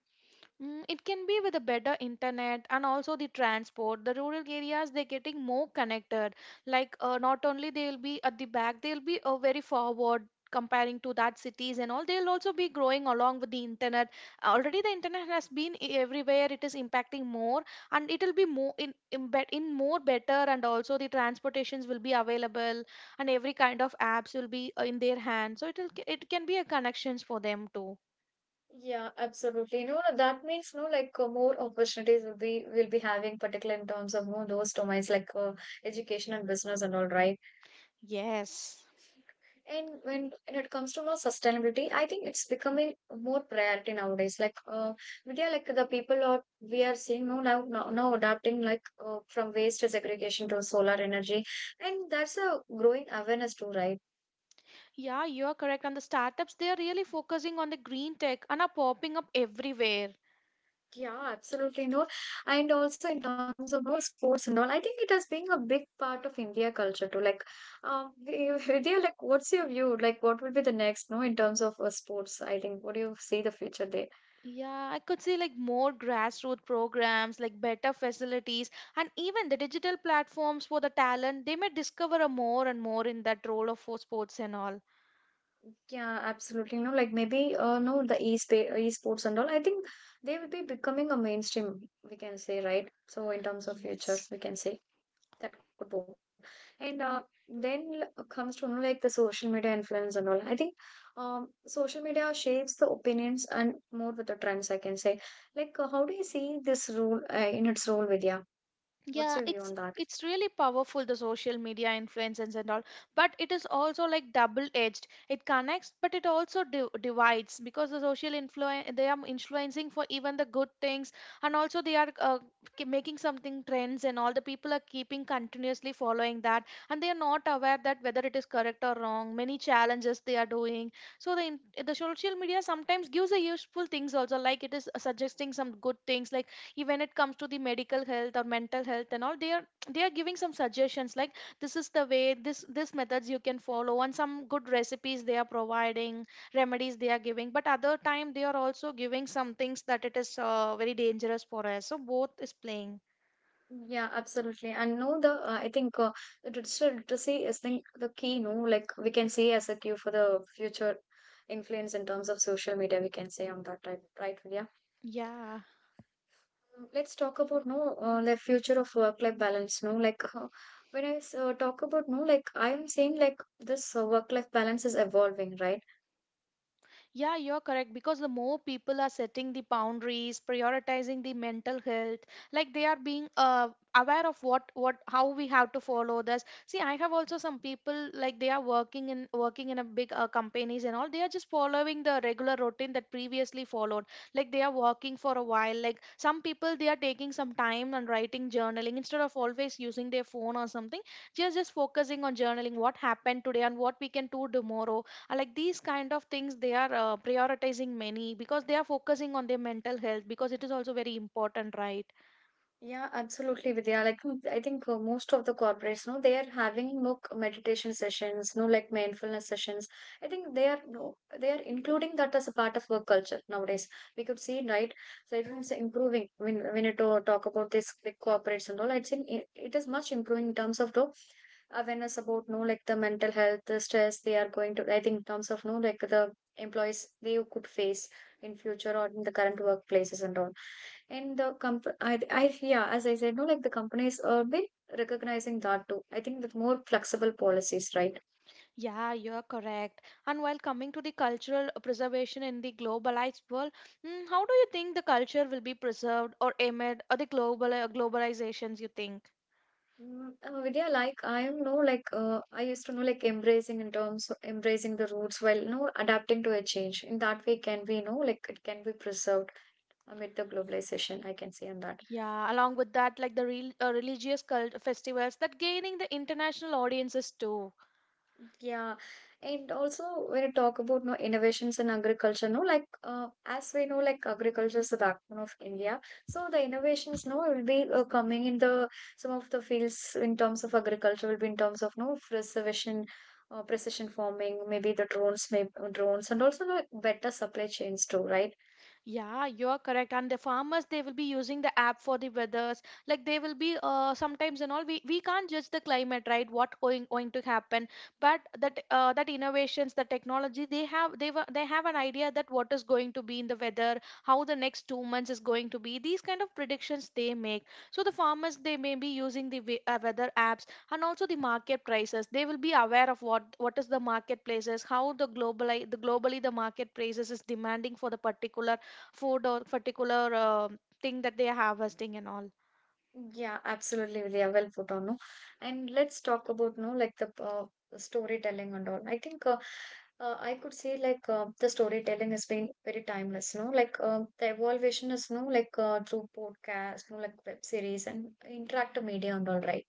B: Mm, it can be with a better internet and also the transport. The rural areas, they're getting more connected. Like not only they'll be at the back, they'll be very forward comparing to that cities and all. They'll also be growing along with the internet. Already the internet has been everywhere. It is impacting more, and it'll be more in more better. And also the transportations will be available, and every kind of apps will be in their hand. So it can be a connections for them too.
A: Yeah, absolutely. No, that means no, like more opportunities will be having, particularly in terms of no those domains like education and business and all, right?
B: Yes.
A: And when it comes to more sustainability, I think it's becoming more priority nowadays. Like media, like the people are we are seeing now adapting, like from waste segregation to solar energy, and that's a growing awareness too, right?
B: Yeah, you're correct. And the startups, they are really focusing on the green tech and are popping up everywhere.
A: Yeah, absolutely. No, and also in terms of more sports and all, I think it has been a big part of India culture too. Like, Vidya, like, what's your view? Like, what will be the next? No, in terms of sports, I think. What do you see the future there?
B: Yeah, I could see like more grassroots programs, like better facilities, and even the digital platforms for the talent. They may discover a more and more in that role of for sports and all.
A: Yeah, absolutely. You know, like maybe no, the e-sports and all. I think they will be becoming a mainstream, we can say, right? So in terms of
B: Yes.
A: future, we can say that could boom. And comes to know, like the social media influence and all. I think social media shapes the opinions and more with the trends, I can say. Like how do you see this role in its role, Vidya? What's
B: Yeah,
A: your view
B: it's
A: on that?
B: it's really powerful, the social media influences and all. But it is also like double edged. It connects, but it also divides, because the social influence, they are influencing for even the good things, and also they are making something trends and all. The people are keeping continuously following that, and they are not aware that whether it is correct or wrong. Many challenges they are doing. So the social media sometimes gives a useful things also, like it is suggesting some good things, like ki, when it comes to the medical health or mental health and all, they are, they are giving some suggestions like this is the way, this methods you can follow, and some good recipes they are providing, remedies they are giving. But other time they are also giving some things that it is very dangerous for us. So both is playing.
A: Yeah, absolutely. And no, the I think the digital literacy is the key. No, like we can see as a cue for the future influence in terms of social media. We can say on that type, right, Vidya?
B: Yeah.
A: Let's talk about no the future of work-life balance. No, like when talk about no, like I am saying like this work-life balance is evolving, right?
B: Yeah, you're correct, because the more people are setting the boundaries, prioritizing the mental health, like they are being aware of what how we have to follow this. See, I have also some people like they are working in working in a big companies and all. They are just following the regular routine that previously followed. Like they are working for a while. Like some people, they are taking some time and writing journaling instead of always using their phone or something. Just focusing on journaling what happened today and what we can do tomorrow. Like these kind of things they are prioritizing many, because they are focusing on their mental health, because it is also very important, right?
A: Yeah, absolutely, Vidya. Like, I think most of the corporates, no, they are having no meditation sessions, no, like mindfulness sessions. I think they are no, they are including that as a part of work culture nowadays. We could see, right? So everyone's improving. When you talk about this big corporates and all, I'd say it is much improving in terms of no, awareness about no, like the mental health, the stress they are going to. I think in terms of no, like the employees they could face in future or in the current workplaces and all, and the comp I yeah, as I said, no, like the companies are been recognizing that too, I think with more flexible policies, right?
B: Yeah, you're correct. And while coming to the cultural preservation in the globalized world, mm, how do you think the culture will be preserved or amid or the global globalizations, you think?
A: Mm, Vidya, like I am no, like I used to know, like embracing, in terms of embracing the roots while no adapting to a change. In that way, can we know like it can be preserved amid the globalization? I can say on that.
B: Yeah, along with that, like the real, religious cult festivals, that gaining the international audiences too.
A: Yeah, and also when you talk about no innovations in agriculture, no, like as we know, like agriculture is the backbone of India. So the innovations, no, will be coming in the some of the fields in terms of agriculture, will be in terms of no precision, precision farming, maybe the drones, maybe drones, and also the better supply chains too, right?
B: Yeah, you're correct. And the farmers, they will be using the app for the weathers. Like they will be sometimes and all. We can't judge the climate, right? What going to happen? But that that innovations, the technology, they have they were they have an idea that what is going to be in the weather, how the next 2 months is going to be. These kind of predictions they make. So the farmers, they may be using the weather apps, and also the market prices. They will be aware of what is the marketplaces, how the globally the market prices is demanding for the particular food or particular thing that they are harvesting and all.
A: Yeah, absolutely, Vidya. Well put on, no? And let's talk about, no, like the storytelling and all. I think I could say like the storytelling has been very timeless, no? Like the evolution is, no, like through podcast, no, like web series and interactive media and all, right?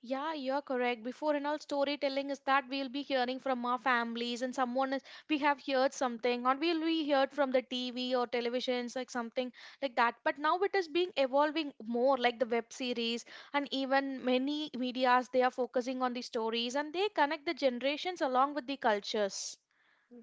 B: Yeah, you're correct. Before and all, storytelling is that we'll be hearing from our families and someone is, we have heard something, or we'll be heard from the TV or televisions, like something like that. But now it is being evolving more, like the web series and even many medias. They are focusing on the stories and they connect the generations along with the cultures.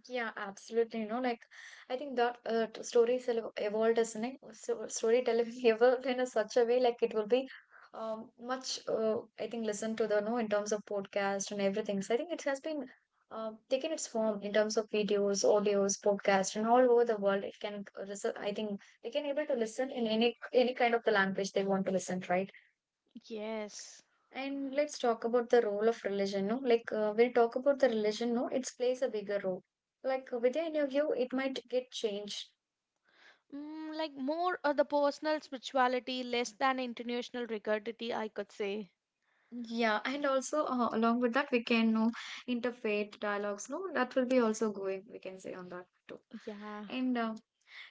A: Yeah, absolutely. You know, like I think that stories evolved as an so storytelling evolved in a such a way, like it will be much I think listened to the no in terms of podcast and everything. So I think it has been taken its form in terms of videos, audios, podcast, and all over the world. It can I think they can able to listen in any kind of the language they want to listen, right?
B: Yes.
A: And let's talk about the role of religion. No, like when we talk about the religion, no, it plays a bigger role. Like within your view, it might get changed.
B: Mm, like more of the personal spirituality, less than international rigidity, I could say.
A: Yeah, and also along with that, we can know interfaith dialogues. No, that will be also going. We can say on that too.
B: Yeah,
A: And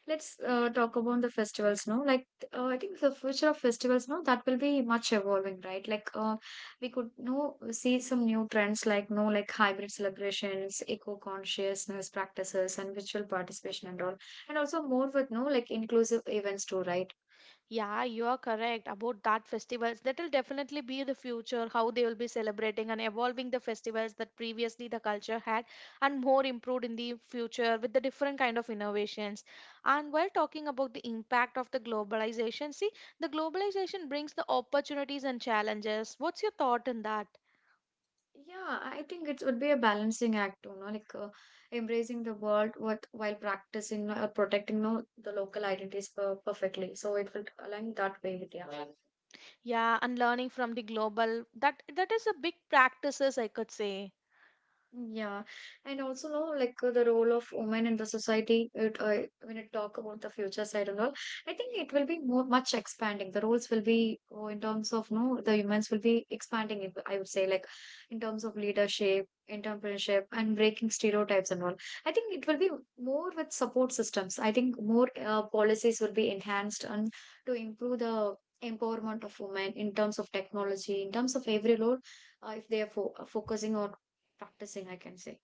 A: let's talk about the festivals now. Like, I think the future of festivals now, that will be much evolving, right? Like, we could know see some new trends, like no, like hybrid celebrations, eco consciousness practices, and virtual participation and all, and also more with no like inclusive events too, right?
B: yeah, you are correct about that festivals. That will definitely be the future, how they will be celebrating and evolving the festivals that previously the culture had, and more improved in the future with the different kind of innovations. And while talking about the impact of the globalization, see, the globalization brings the opportunities and challenges. What's your thought on that?
A: Yeah, I think it would be a balancing act, you know, like embracing the world with, while practicing or protecting no, the local identities perfectly. So it will align that way with, yeah.
B: Yeah, and learning from the global, that that is a big practices, I could say.
A: Yeah, and also know like the role of women in the society. It when it talk about the future side and all, I think it will be more much expanding. The roles will be oh, in terms of no, the humans will be expanding. I would say like in terms of leadership, entrepreneurship, and breaking stereotypes and all. I think it will be more with support systems. I think more policies will be enhanced and to improve the empowerment of women in terms of technology, in terms of every role if they are focusing on practicing, I can say.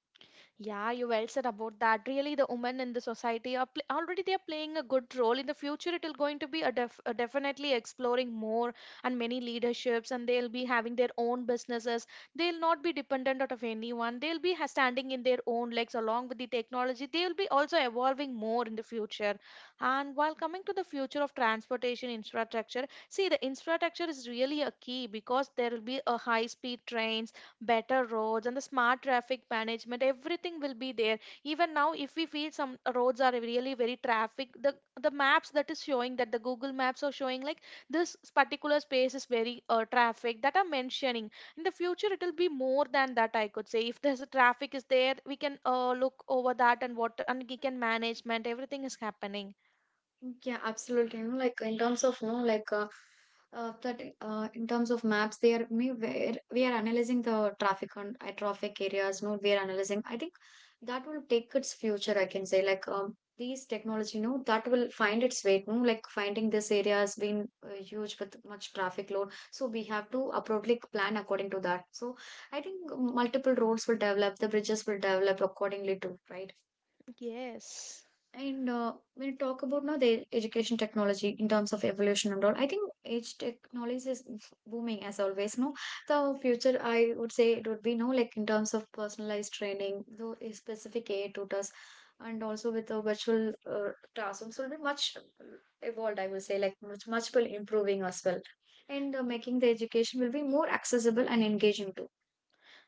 B: Yeah, you well said about that. Really, the women in the society are already they are playing a good role. In the future, it will going to be a definitely exploring more, and many leaderships, and they'll be having their own businesses. They'll not be dependent out of anyone. They'll be standing in their own legs along with the technology. They'll be also evolving more in the future. And while coming to the future of transportation infrastructure, see the infrastructure is really a key, because there will be a high-speed trains, better roads, and the smart traffic management, everything will be there. Even now, if we feel some roads are really very traffic, the maps that is showing, that the Google maps are showing, like this particular space is very traffic, that are mentioning. In the future, it will be more than that, I could say. If there's a traffic is there, we can look over that, and what and we can management everything is happening.
A: Yeah, absolutely. You know, like in terms of no, like that in terms of maps, they are me where we are analyzing the traffic on traffic areas. No, we are analyzing. I think that will take its future. I can say like these technology, no, that will find its way. No, like finding this area has been huge with much traffic load. So we have to appropriately plan according to that. So I think multiple roads will develop, the bridges will develop accordingly too, right?
B: Yes.
A: And when you talk about now the education technology in terms of evolution and all, I think age technology is booming as always. No, the future, I would say it would be no, like in terms of personalized training, though a specific AI tutors, and also with the virtual classrooms will be much evolved. I would say like much will improving as well, and making the education will be more accessible and engaging too.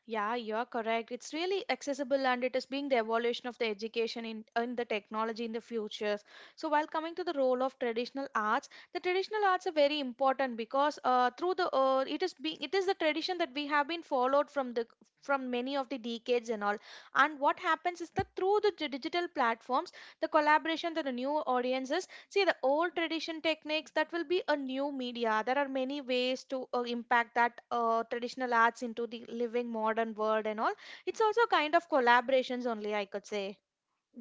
B: Yeah, you're correct. It's really accessible, and it is being the evolution of the education in the technology in the futures. So, while coming to the role of traditional arts, the traditional arts are very important, because through the it is being, it is the tradition that we have been followed from the from many of the decades and all. And what happens is that through the digital platforms, the collaboration that the new audiences, see, the old tradition techniques that will be a new media. There are many ways to impact that traditional arts into the living modern world and all. It's also kind of collaborations only, I could say.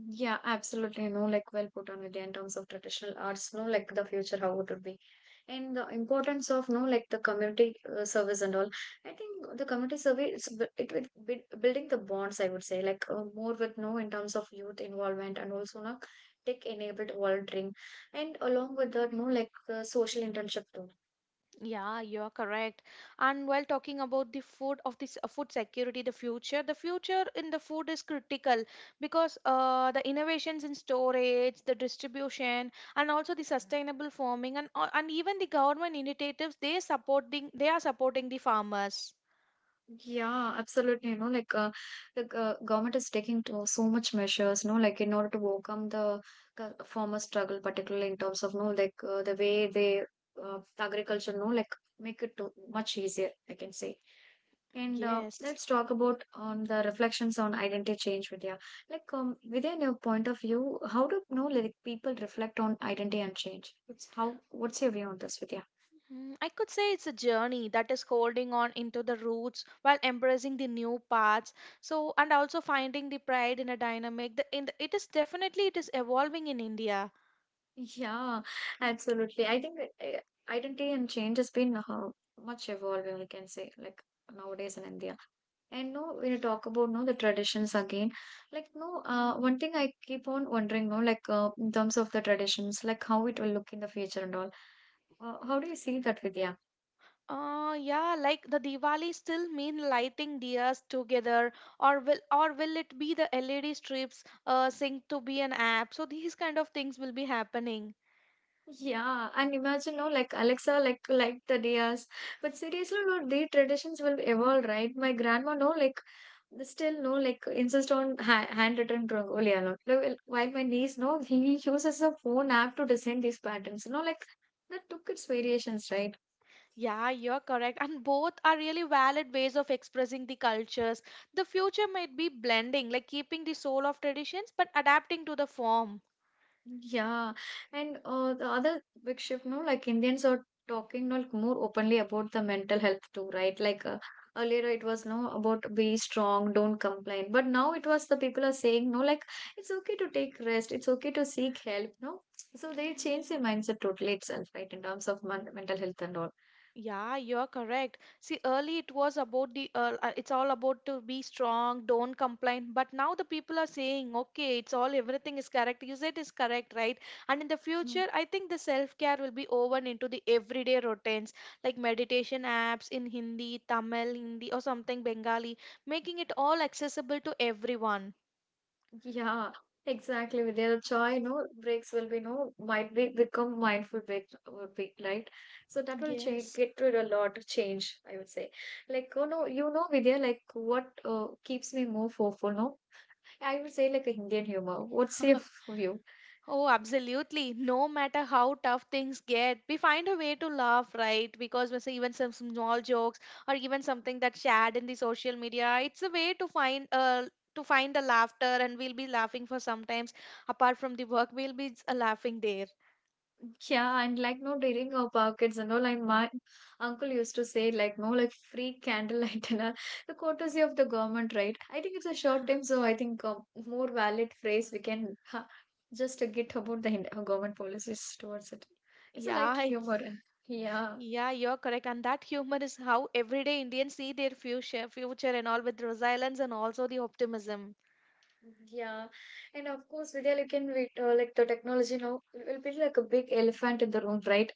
A: Yeah, absolutely. No, like well put on Vidya in terms of traditional arts, no, like the future, how it would be. And the importance of, no, like the community service and all. I think the community service, it will be building the bonds, I would say, like more with, no, in terms of youth involvement and also, no, tech enabled volunteering. And along with that, no, like the social internship too.
B: Yeah, you are correct. And while talking about the food of this food security, the future in the food is critical, because the innovations in storage, the distribution, and also the sustainable farming, and even the government initiatives they supporting, they are supporting the farmers.
A: Yeah, absolutely. You know, like the government is taking to so much measures, no, like in order to overcome the former struggle, particularly in terms of, no, like the way they agriculture, no, like make it to much easier, I can say. And
B: Yes.
A: let's talk about on the reflections on identity change, Vidya. Like, within your point of view, how do you know like people reflect on identity and change? It's how? What's your view on this, Vidya?
B: Mm, I could say it's a journey that is holding on into the roots while embracing the new paths. So, and also finding the pride in a dynamic. The, in the, it is definitely it is evolving in India.
A: Yeah, absolutely. I think identity and change has been much evolving, we can say, like nowadays in India. And no, when you talk about no the traditions again, like no, one thing I keep on wondering, no, like in terms of the traditions, like how it will look in the future and all. How do you see that, Vidya?
B: Yeah, like the Diwali still mean lighting dias together, or will it be the LED strips synced to be an app? So these kind of things will be happening.
A: Yeah, and imagine, no, like Alexa, like the Diyas. But seriously, no, the traditions will evolve, right? My grandma, no, like they still, no, like insist on ha handwritten rangoli a lot. Like, while my niece, no, he uses a phone app to design these patterns, you know, like that took its variations, right?
B: Yeah, you're correct. And both are really valid ways of expressing the cultures. The future might be blending, like keeping the soul of traditions but adapting to the form.
A: Yeah, and the other big shift, no, like Indians are talking like more openly about the mental health too, right? Earlier it was no about be strong, don't complain, but now it was the people are saying no, like it's okay to take rest, it's okay to seek help, no. So they change their mindset totally itself, right, in terms of men mental health and all.
B: Yeah, you're correct. See, early it was about the, it's all about to be strong, don't complain. But now the people are saying, okay, it's all, everything is correct. You said is correct, right? And in the future, I think the self-care will be woven into the everyday routines, like meditation apps in Hindi, Tamil, Hindi, or something Bengali, making it all accessible to everyone.
A: Yeah, exactly. With the joy, no breaks will be no might be become mindful break would be right. So that will change
B: Yes.
A: get rid a lot of change, I would say. Like oh no, Vidya, like what keeps me more hopeful, no? I would say like Indian humor. What's your view?
B: Oh, absolutely. No matter how tough things get, we find a way to laugh, right? Because we say even some small jokes or even something that's shared in the social media, it's a way to find the laughter, and we'll be laughing for sometimes. Apart from the work, we'll be laughing there.
A: Yeah, and like no during our pockets and all, like my uncle used to say like no like free candlelight and all the courtesy of the government, right? I think it's a short time, so I think more valid phrase we can ha just get about the government policies towards it. It's a light
B: Yeah, it's,
A: humor, and yeah,
B: yeah, you're correct. And that humor is how everyday Indians see their future, future and all, with resilience and also the optimism.
A: yeah, and of course, Vidya, you can wait like the technology now will be like a big elephant in the room, right?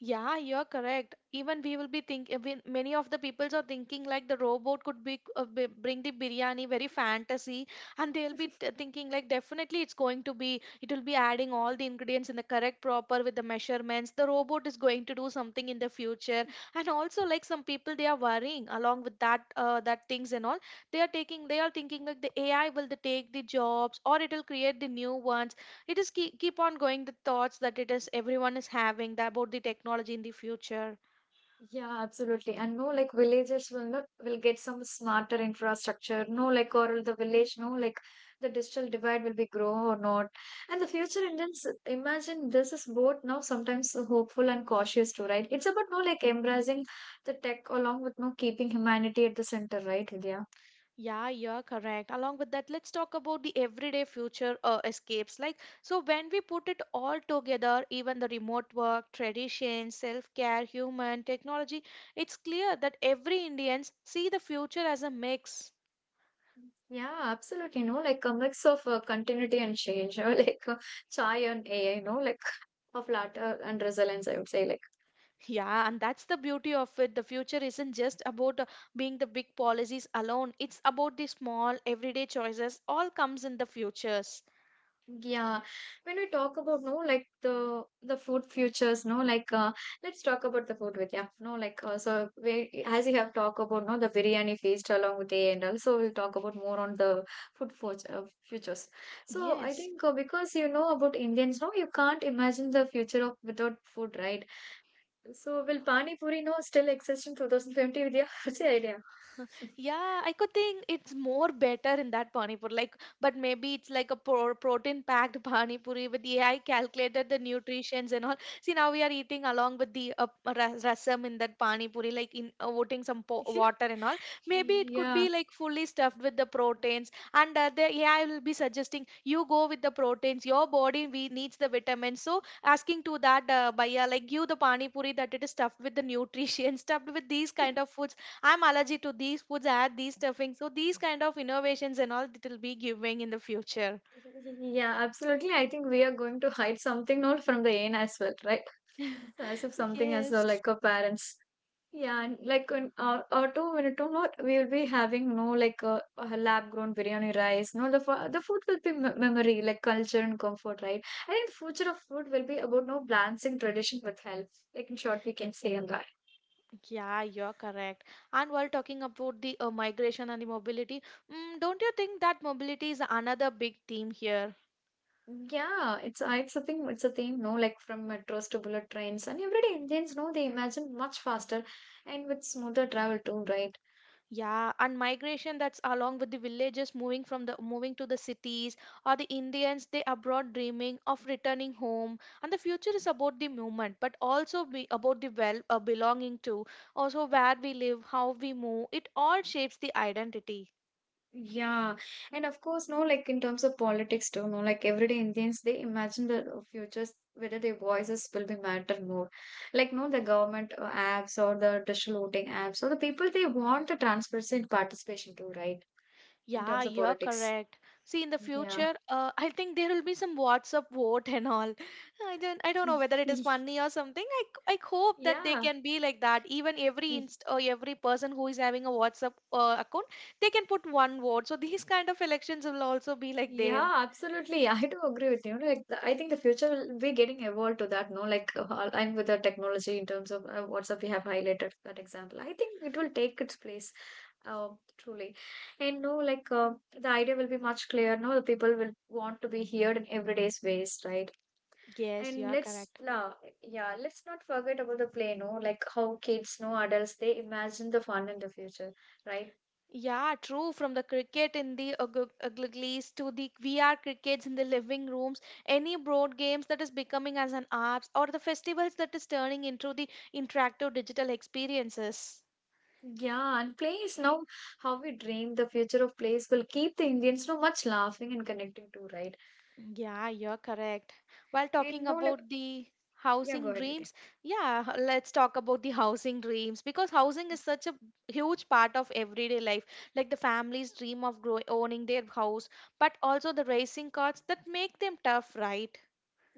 B: Yeah, you're correct. Even we will be thinking, many of the peoples are thinking like the robot could be, bring the biryani, very fantasy, and they'll be thinking like definitely it's going to be, it will be adding all the ingredients in the correct proper with the measurements. The robot is going to do something in the future, and also like some people they are worrying along with that, that things and all. They are taking, they are thinking like the AI will the take the jobs or it will create the new ones. It is keep on going the thoughts that it is everyone is having that about the technology in the future.
A: Yeah, absolutely. And no, like villagers will not will get some smarter infrastructure. No, like or the village, no, like the digital divide will be grow or not. And the future Indians imagine this is both now sometimes hopeful and cautious too, right? It's about no like embracing the tech along with no keeping humanity at the center, right, India?
B: Yeah, you're correct. Along with that, let's talk about the everyday future escapes. Like, so when we put it all together, even the remote work tradition, self-care, human technology, it's clear that every Indians see the future as a mix.
A: Yeah, absolutely. No, like a mix of continuity and change, or like chai and AI, no, like of latter and resilience, I would say. Like.
B: Yeah, and that's the beauty of it. The future isn't just about being the big policies alone. It's about the small everyday choices all comes in the futures.
A: Yeah, when we talk about no like the food futures, no like let's talk about the food with yeah, no like so we as you have talked about no the biryani feast along with the and also we'll talk about more on the food for, futures. So I
B: Yes.
A: think because you know about Indians, no you can't imagine the future of without food, right? So will Pani Puri no still exist in 2020 your what's your idea?
B: Yeah, I could think it's more better in that pani puri. Like, but maybe it's like a protein packed pani puri with AI calculated the nutritions and all. See, now we are eating along with the rasam in that pani puri, like in putting some po water and all. Maybe it could be
A: Yeah.
B: like fully stuffed with the proteins. And the AI will be suggesting you go with the proteins. Your body we needs the vitamins. So asking to that bhaiya, like give the pani puri that it is stuffed with the nutrition, stuffed with these kind of foods. I'm allergic to these foods, add these stuffings. So these kind of innovations and all it will be giving in the future.
A: Yeah, absolutely. I think we are going to hide something not from the aim as well, right? So as if something as well,
B: Yes.
A: like our parents. Yeah, and like in our or 2 minute to not we will be having no like a, lab grown biryani rice. No, the the food will be memory, like culture and comfort, right? I think future of food will be about no balancing tradition with health. Like in short, we can say on that.
B: Yeah, you're correct. And while talking about the migration and the mobility, don't you think that mobility is another big theme here?
A: Yeah, it's a thing. It's a thing. No, like from metros to bullet trains and everyday Indians know they imagine much faster and with smoother travel too, right?
B: Yeah, and migration, that's along with the villages moving from the moving to the cities, or the Indians they abroad dreaming of returning home. And the future is about the movement, but also be about the well belonging to, also where we live, how we move. It all shapes the identity.
A: Yeah, and of course, no, like in terms of politics too, no, like everyday Indians, they imagine the futures, whether their voices will be matter more. Like, no, the government apps or the digital voting apps or the people, they want the transparency and participation too, right? In
B: Yeah,
A: terms of
B: you're
A: politics.
B: correct. See, in the
A: Yeah.
B: future, I think there will be some WhatsApp vote and all. I don't know whether it is funny or something. I hope that they
A: Yeah.
B: can be like that. Even every inst or every person who is having a WhatsApp account, they can put one vote. So these kind of elections will also be like there.
A: Yeah, absolutely. I do agree with you. Like, the, I think the future will be getting evolved to that. No, like I'm with the technology in terms of WhatsApp. We have highlighted that example. I think it will take its place, uh, truly. And no, like the idea will be much clearer. No, the people will want to be heard in everyday's ways, right?
B: Yes, you
A: And
B: are
A: let's,
B: correct.
A: yeah, let's not forget about the play. No, like how kids, no adults, they imagine the fun in the future, right?
B: Yeah, true. From the cricket in the uglies to the VR crickets in the living rooms, any board games that is becoming as an apps or the festivals that is turning into the interactive digital experiences.
A: Yeah, and plays now how we dream the future of plays will keep the Indians so much laughing and connecting to, right?
B: Yeah, you're correct. While
A: And
B: talking
A: no, like,
B: about the
A: yeah, go
B: housing
A: ahead with it.
B: dreams, yeah, let's talk about the housing dreams because housing is such a huge part of everyday life. Like the families dream of owning their house, but also the racing cards that make them tough, right?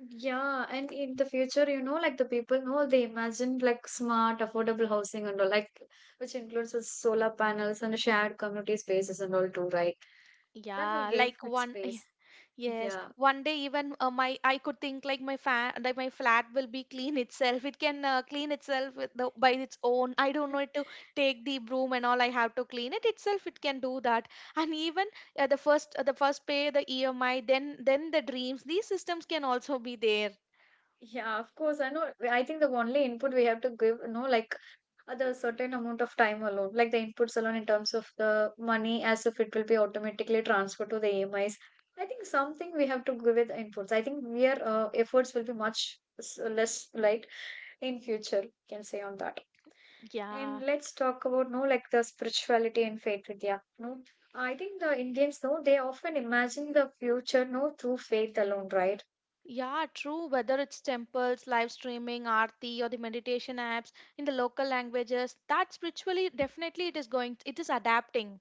A: Yeah, and in the future, you know, like the people know they imagine like smart, affordable housing and all, like which includes the solar panels and shared community spaces and all too, right? That will
B: Yeah,
A: give
B: like
A: it space.
B: yes,
A: Yeah.
B: one day even my I could think like my fa like my flat will be clean itself. It can clean itself with the, by its own. I don't need to take the broom and all. I have to clean it itself. It can do that. And even the first pay, the EMI, then the dreams. These systems can also be there.
A: Yeah, of course. I know. I think the only input we have to give, you know, like the certain amount of time alone, like the inputs alone in terms of the money, as if it will be automatically transferred to the AMIs. I think something we have to give with the inputs. I think their efforts will be much less light in future. We Can say on that.
B: Yeah.
A: And let's talk about no like the spirituality and faith Vidya. No, I think the Indians no they often imagine the future no through faith alone, right?
B: Yeah, true. Whether it's temples, live streaming, arti, or the meditation apps in the local languages, that spiritually definitely it is going, it is adapting.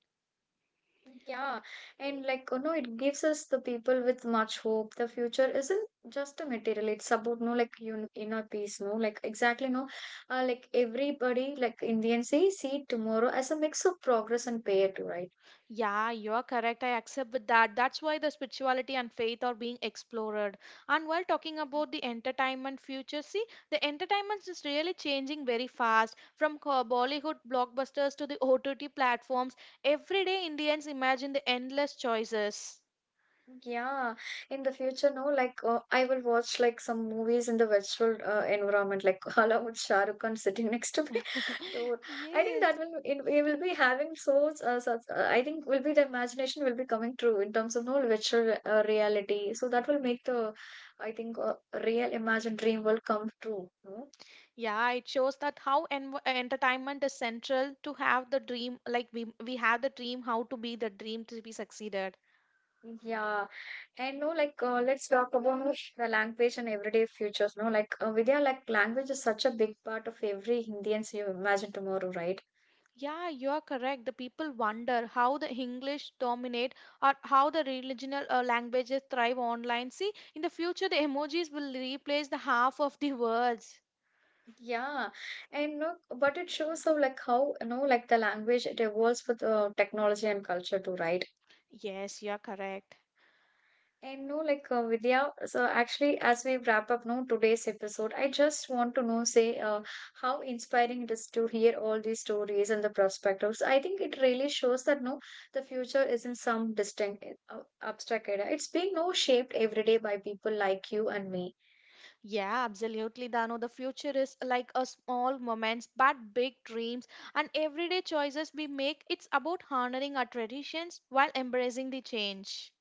A: Yeah, and like you know, it gives us the people with much hope. The future isn't just a material; it's about no like un inner peace. No, like exactly no, like everybody like Indians say see tomorrow as a mix of progress and pain, right?
B: Yeah, you're correct. I accept with that. That's why the spirituality and faith are being explored. And while talking about the entertainment future, see, the entertainment is really changing very fast. From Bollywood blockbusters to the OTT platforms, everyday Indians imagine the endless choices.
A: Yeah, in the future, no, like I will watch like some movies in the virtual environment, like along with Shah Rukh Khan sitting next to me Dude, I think
B: Yes.
A: that will it will be having so such, I think will be the imagination will be coming true in terms of no virtual reality. So that will make the I think real imagined dream will come true. No?
B: Yeah, it shows that how entertainment is central to have the dream, like we have the dream, how to be the dream to be succeeded.
A: Yeah, and no, like let's talk about the language and everyday futures. No, like Vidya, like language is such a big part of every Indians you imagine tomorrow, right?
B: Yeah, you are correct. The people wonder how the English dominate or how the regional languages thrive online. See, in the future, the emojis will replace the half of the words.
A: Yeah, and no, but it shows how like how you know like the language it evolves with technology and culture too, right?
B: Yes, you are correct.
A: And no, like Vidya, so actually, as we wrap up no today's episode, I just want to know, say, how inspiring it is to hear all these stories and the perspectives. I think it really shows that no, the future isn't some distinct, eh, abstract idea. It's being no shaped every day by people like you and me.
B: Yeah, absolutely, Dano. The future is like a small moments, but big dreams and everyday choices we make. It's about honoring our traditions while embracing the change.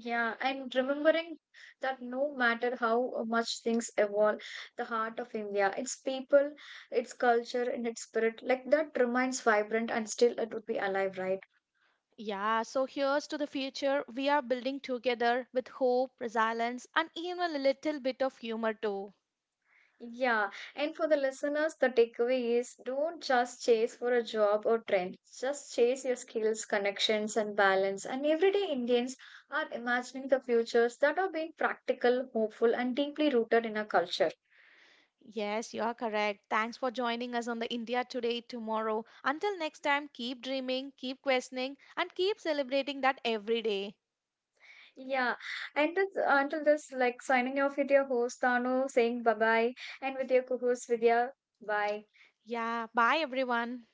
A: Yeah, and remembering that no matter how much things evolve, the heart of India, its people, its culture, and its spirit, like that remains vibrant and still it would be alive, right?
B: Yeah, so here's to the future we are building together with hope, resilience, and even a little bit of humor too.
A: Yeah, and for the listeners, the takeaway is don't just chase for a job or trend. Just chase your skills, connections, and balance. And everyday Indians are imagining the futures that are being practical, hopeful, and deeply rooted in our culture.
B: Yes, you are correct. Thanks for joining us on the India Today tomorrow. Until next time, keep dreaming, keep questioning, and keep celebrating that every day.
A: Yeah, and that's, until this, like signing off with your host Tanu, saying bye bye, and with your co-host Vidya, bye.
B: Yeah, bye everyone.